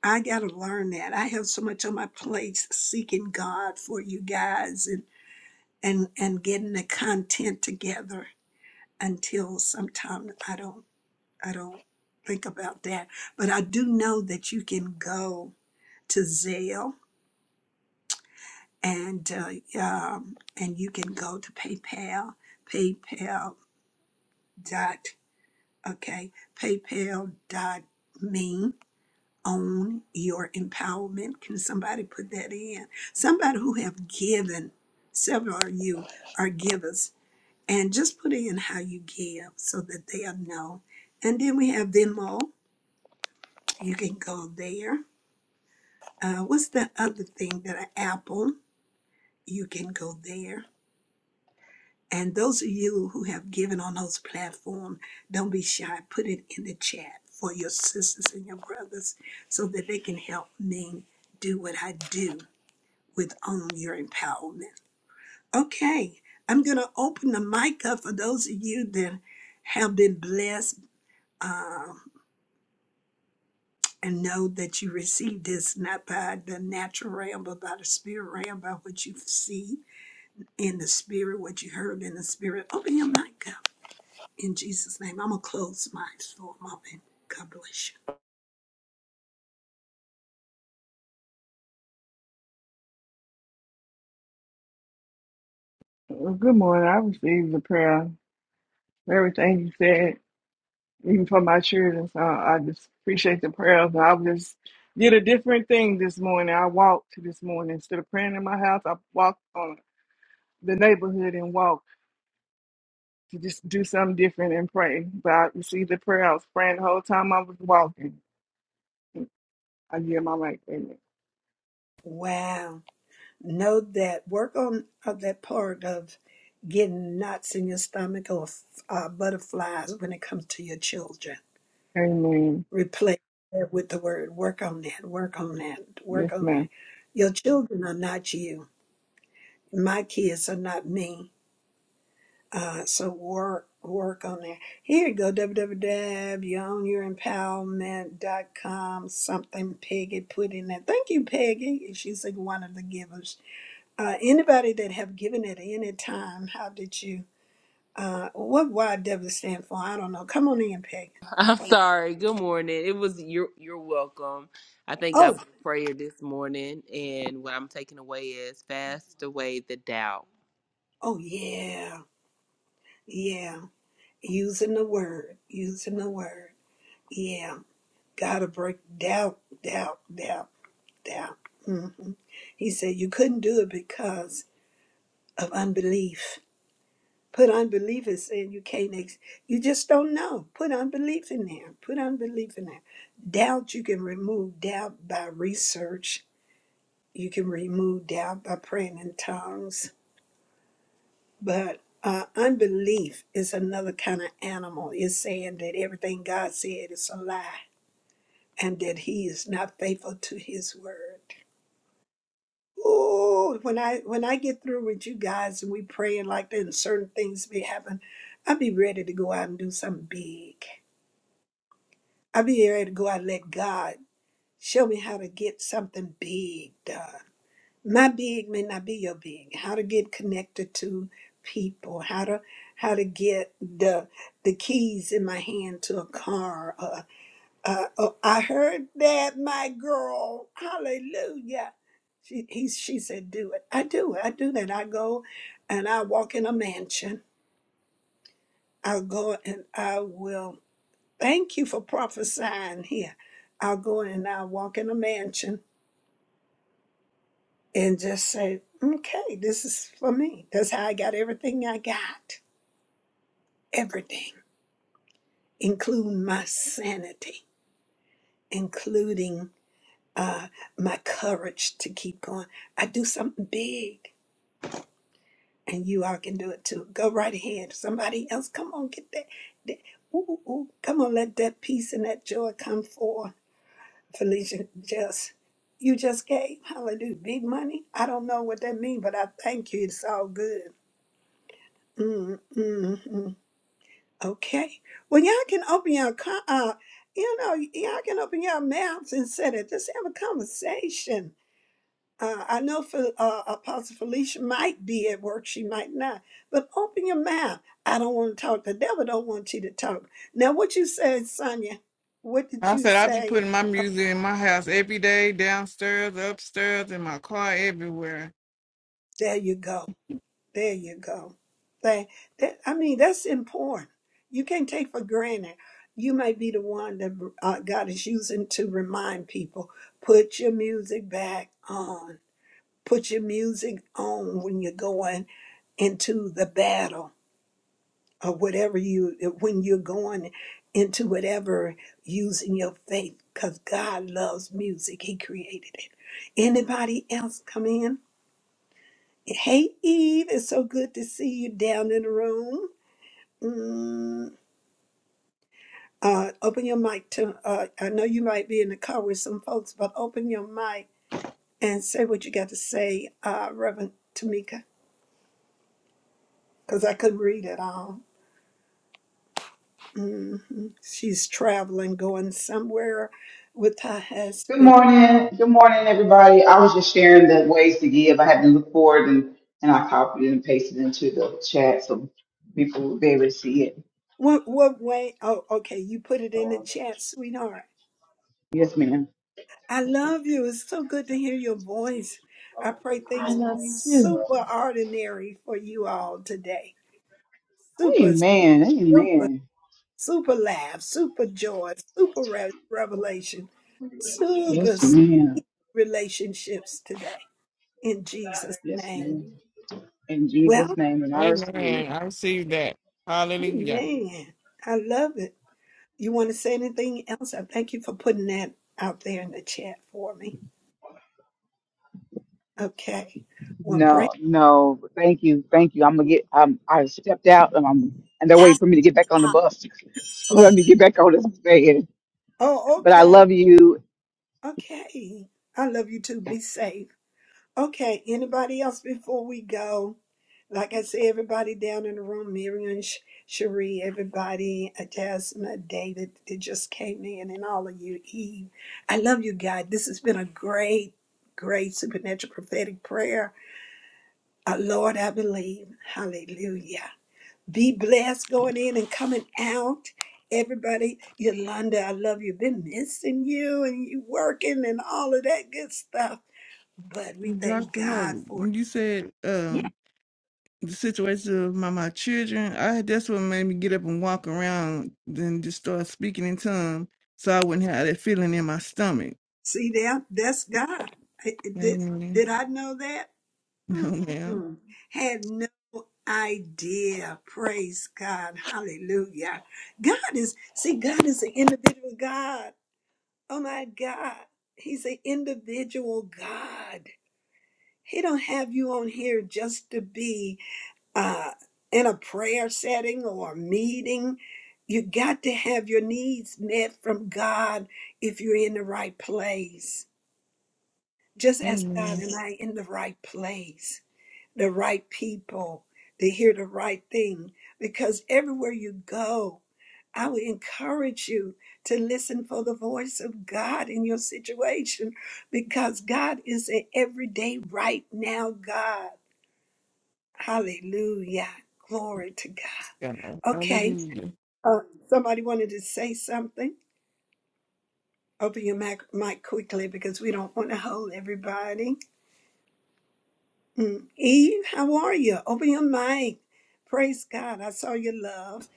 I got to learn that. I have so much on my plate seeking God for you guys and, and, and getting the content together until sometime I don't, I don't think about that. But I do know that you can go to Zelle and, uh, um, and you can go to PayPal, PayPal.com Okay, paypal.me own your empowerment. Can somebody put that in? Somebody who have given, several of you are givers, and just put in how you give so that they'll know. And then we have Venmo. You can go there. Uh, what's the other thing that I Apple? You can go there. And those of you who have given on those platforms, don't be shy. Put it in the chat for your sisters and your brothers so that they can help me do what I do with On Your Empowerment. Okay, I'm going to open the mic up for those of you that have been blessed and know that you received this not by the natural realm, but by the spirit realm, by what you see in the spirit, what you heard in the spirit. Open your mic up. In Jesus' name, I'm going to close mine for a moment. God bless you. Well, Good morning. I received the prayer. Everything you said, even for my children. So I just appreciate the prayers. And I just did a different thing this morning. I walked this morning. Instead of praying in my house, I walked on the neighborhood and walked to just do something different and pray. But I received the prayer. I was praying the whole time I was walking. I give my mic. Amen. Wow. Know that work on uh, that part of getting knots in your stomach or uh, butterflies when it comes to your children. Amen. Replace that with the word. Work on that. Work on that. Yes, Work on that. ma'am. Your children are not you. My kids are not me. Uh, so work work on there. Here you go, www.yownyourimpowerment.com. Something Peggy put in there. Thank you, Peggy. She's like one of the givers. Uh, anybody that have given at any time, how did you? Uh, what YW stand for? I don't know. Come on in, Peggy. I'm sorry. Good morning. It was you're you're welcome. I thank God Oh, for prayer this morning, and what I'm taking away is fast away the doubt. oh yeah, yeah. Using the word, using the word. Yeah, gotta break doubt, doubt, doubt. Yeah. hmm He said you couldn't do it because of unbelief. Put unbelief is saying you can't, ex- you just don't know. Put unbelief in there. Put unbelief in there. Doubt, you can remove doubt by research. You can remove doubt by praying in tongues. But uh, unbelief is another kind of animal. It's saying that everything God said is a lie and that He is not faithful to His word. Oh, when I when I get through with you guys and we praying like that and certain things be happen, I'll be ready to go out and do something big. I'll be ready to go out and let God show me how to get something big done. My big may not be your big. How to get connected to people, how to how to get the the keys in my hand to a car, uh, uh, oh, I heard that, my girl. Hallelujah. She, he, she said, do it. I do it. I do that. I go and I walk in a mansion. I'll go and I will thank you for prophesying here. I'll go and I'll walk in a mansion and just say, okay, this is for me. That's how I got everything I got. Everything, including my sanity, including uh, my courage to keep going. I do something big. and you all can do it too. Go right ahead. Somebody else, come on, get that. that ooh, ooh, ooh. Come on, let that peace and that joy come forth. Felicia, just you just gave hallelujah big money. I don't know what that means, but I thank you. It's all good. mm mm mm. Okay. Well, y'all can open your co- uh, you know, y'all can open your mouths and say that. Just have a conversation uh, I know Fe- uh, Apostle Felicia might be at work, she might not, but open your mouth. I don't want to talk. The devil don't want you to talk. Now, what you said, Sonia? What did I you said I be say? putting my music in my house every day, downstairs, upstairs, in my car, everywhere. There you go. There you go. That, that I mean, that's important. You can't take for granted. You might be the one that uh, God is using to remind people: put your music back on. Put your music on when you're going into the battle or whatever you when you're going into whatever using your faith because god loves music he created it anybody else come in hey eve it's so good to see you down in the room mm, uh, open your mic to uh, i know you might be in the car with some folks but open your mic and say what you got to say uh, reverend tamika because i couldn't read it all hmm she's traveling going somewhere with her Good husband morning. Good morning, everybody. I was just sharing the ways to give. I had to look for it and, and I copied it and pasted it into the chat so people would be able to see it. What what way? Oh, okay. You put it in the chat, sweetheart. Yes, ma'am. I love you. It's so good to hear your voice. I pray things be Me too. super ordinary for you all today. Super, Amen. super, Amen. super laugh, super joy, super re- revelation, super Yes, s- ma'am. relationships today. In Jesus' Yes, name. ma'am. In Well, Jesus' name, and I receive it. Amen. I receive that. Hallelujah. amen. I love it. You want to say anything else? I thank you for putting that out there in the chat for me. Okay. Well, pray. No, no. Thank you. Thank you. I'm gonna get um I stepped out and I'm and they're waiting for me to get back on the bus. [laughs] so let me get back on this van. Oh, But I okay. love you. Okay. I love you too. Be safe. Okay. Anybody else before we go? Like I said, everybody down in the room, Miriam, Sh- Cherie, everybody, uh, Jasmine, David that just came in, and all of you, Eve. I love you, God. This has been a great, great supernatural prophetic prayer. Our Lord, I believe. Hallelujah. Be blessed going in and coming out. Everybody, Yolanda, I love you. Been missing you and you working and all of that good stuff. But we thank Dr. God Ho, for it. when you said Yeah. um the situation of my, my children, I that's what made me get up and walk around then just start speaking in tongues so I wouldn't have that feeling in my stomach. See that? That's God. I- I Did, Amen. did [laughs] I know that? No ma'am. Mm-mm. Had no idea. Praise God. Hallelujah. God is, see, God is an individual God. Oh my God. He's an individual God. He don't have you on here just to be uh, in a prayer setting or a meeting. You got to have your needs met from God if you're in the right place. Just ask God, Amen. am I in the right place? The right people to hear the right thing. Because everywhere you go, I would encourage you to listen for the voice of God in your situation because God is an everyday, right now God. Hallelujah. Glory to God. Praise God. Okay. Hallelujah. Uh, somebody wanted to say something? Open your mic, mic quickly because we don't want to hold everybody. Mm. Eve, how are you? Open your mic. Praise God. I saw your love.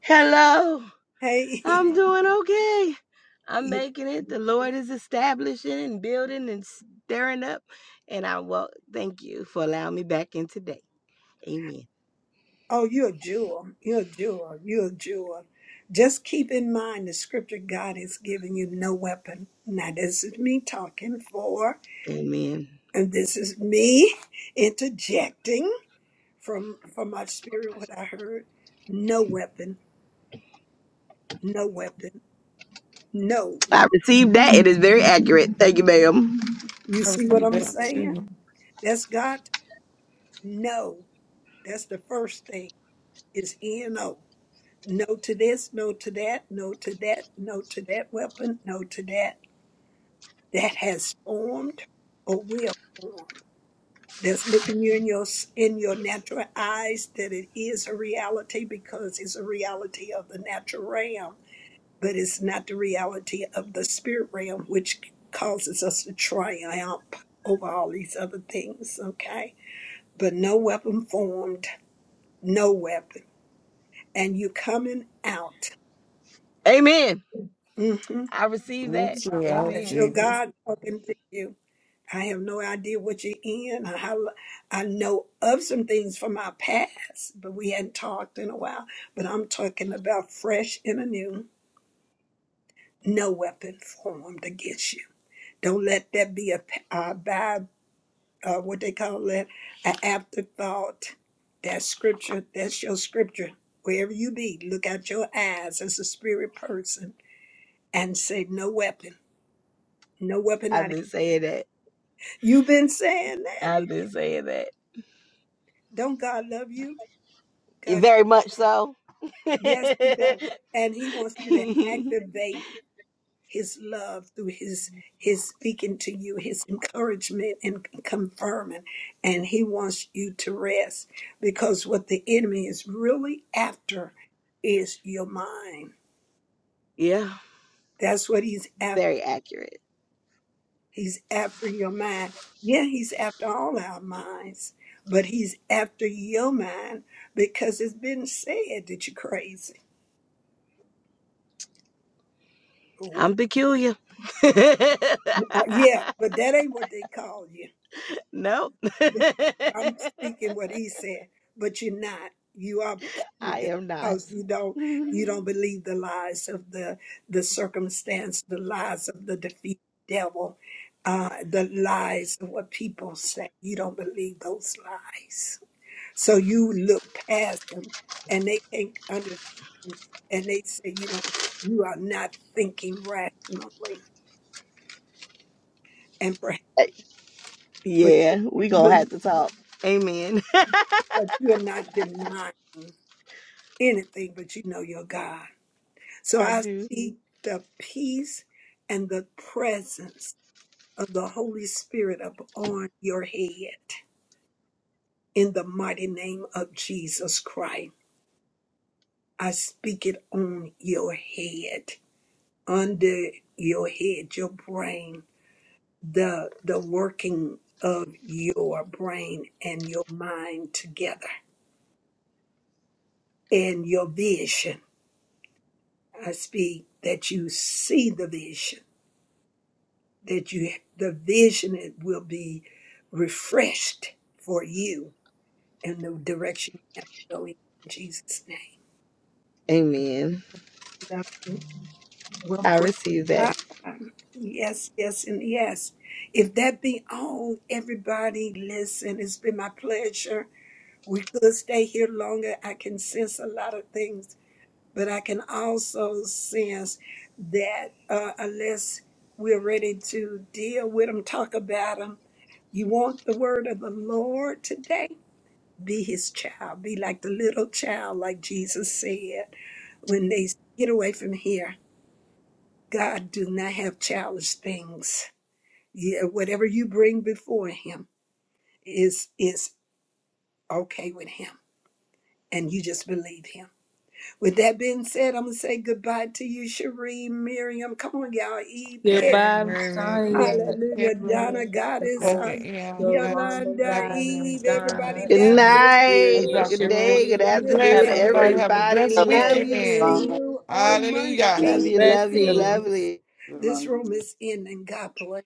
Hello, Hey. I'm doing okay. I'm [laughs] making it. The Lord is establishing and building and stirring up. And I well, thank you for allowing me back in today. Amen. Oh, you're a jewel. You're a jewel. You're a jewel. Just keep in mind the scripture God has given you no weapon. Now, this is me talking for, Amen. and this is me [laughs] interjecting. from from my spirit what I heard. No weapon, no weapon, no. You I received that. It is very accurate. Thank you, ma'am. you I see what receive I'm that too. saying? That's God. No, that's the first thing is E and O. No to this, no to that, no to that, no to that weapon, no to that that has formed or will. That's looking you in your s- in your natural eyes that it is a reality because it's a reality of the natural realm but it's not the reality of the spirit realm, which causes us to triumph over all these other things, okay? But no weapon formed, no weapon. And you coming out. Amen. hmm I received Me that. too. I That's Amen. your receive it. God talking to you. I have no idea what you're in. or how I know of some things from our past, but we hadn't talked in a while. But I'm talking about fresh and anew, no weapon formed against you. Don't let that be a p- uh, by uh, what they call it an afterthought. That scripture, that's your scripture. Wherever you be, look out your eyes as a spirit person and say, "No weapon, no weapon I've out of." been saying that. You've been saying that. I've been saying that. Don't God love you? God, Very much so. [laughs] yes, He does, and He wants you to activate his love through his his speaking to you his encouragement and confirming and he wants you to rest because what the enemy is really after is your mind yeah, that's what he's after very accurate. he's after your mind yeah he's after all our minds but he's after your mind because it's been said that you're crazy I'm Uh, peculiar. yeah [laughs] but that ain't what they call you Nope. [laughs] th- I'm speaking what he's saying, but you're not. You are I peculiar am not. because you don't Mhm. you don't believe the lies of the the circumstance, the lies of the defeated devil, uh, the lies of what people say. You don't believe those lies. So you look past them and they can't understand and they say you don't you are not thinking rationally and perhaps but yeah, we but, gonna have to talk. Amen. but you are not denying. anything, but you know your God. [laughs] So I I do. speak the peace and the presence of the Holy Spirit upon your head in the mighty name of Jesus Christ. I speak it on your head, under your head, your brain, the the working of your brain and your mind together and your vision. I speak that you see the vision that you the vision it will be refreshed for you and the direction you have to go in, in Jesus' name. Amen. Love you. Well I pray. receive that. Ah, yes, yes, and yes. If that be all, everybody listen. It's been my pleasure. We could stay here longer. I can sense a lot of things but I can also sense that uh, unless we're ready to deal with them, talk about them, you want the word of the Lord today? Be his child. Be like the little child, like Jesus said when they said, get away from here. God do not have childish things. Yeah, whatever you bring before him is is okay with him. And you just believe him. With that being said, I'm gonna say goodbye to you, Cherie, Miriam. Come on, y'all. E. Peg. Sarah, Goodbye, Mary, Sonia, Easy, Hallelujah. Peggy, Donna, Evelyn, Dr. Goddess, uh, Hope, Dr. Eon, Gladys, Yolanda, Yolanda, Deborah, Zada, Eve, Mims, everybody Divine, Donna, Good down in Sons, the night. and Erie, and room. Good Dr. Hope. day. Good Cherie. Be Good blessed, afternoon, Have a day. everybody. great Have a everybody. blessed I Love weekend. will see weekend. you. Everything is you on Monday, Hallelujah. Love wrong. you. Love you. Everything Blessings. 8:15. Lovely. is This wrong. room is ending. God bless.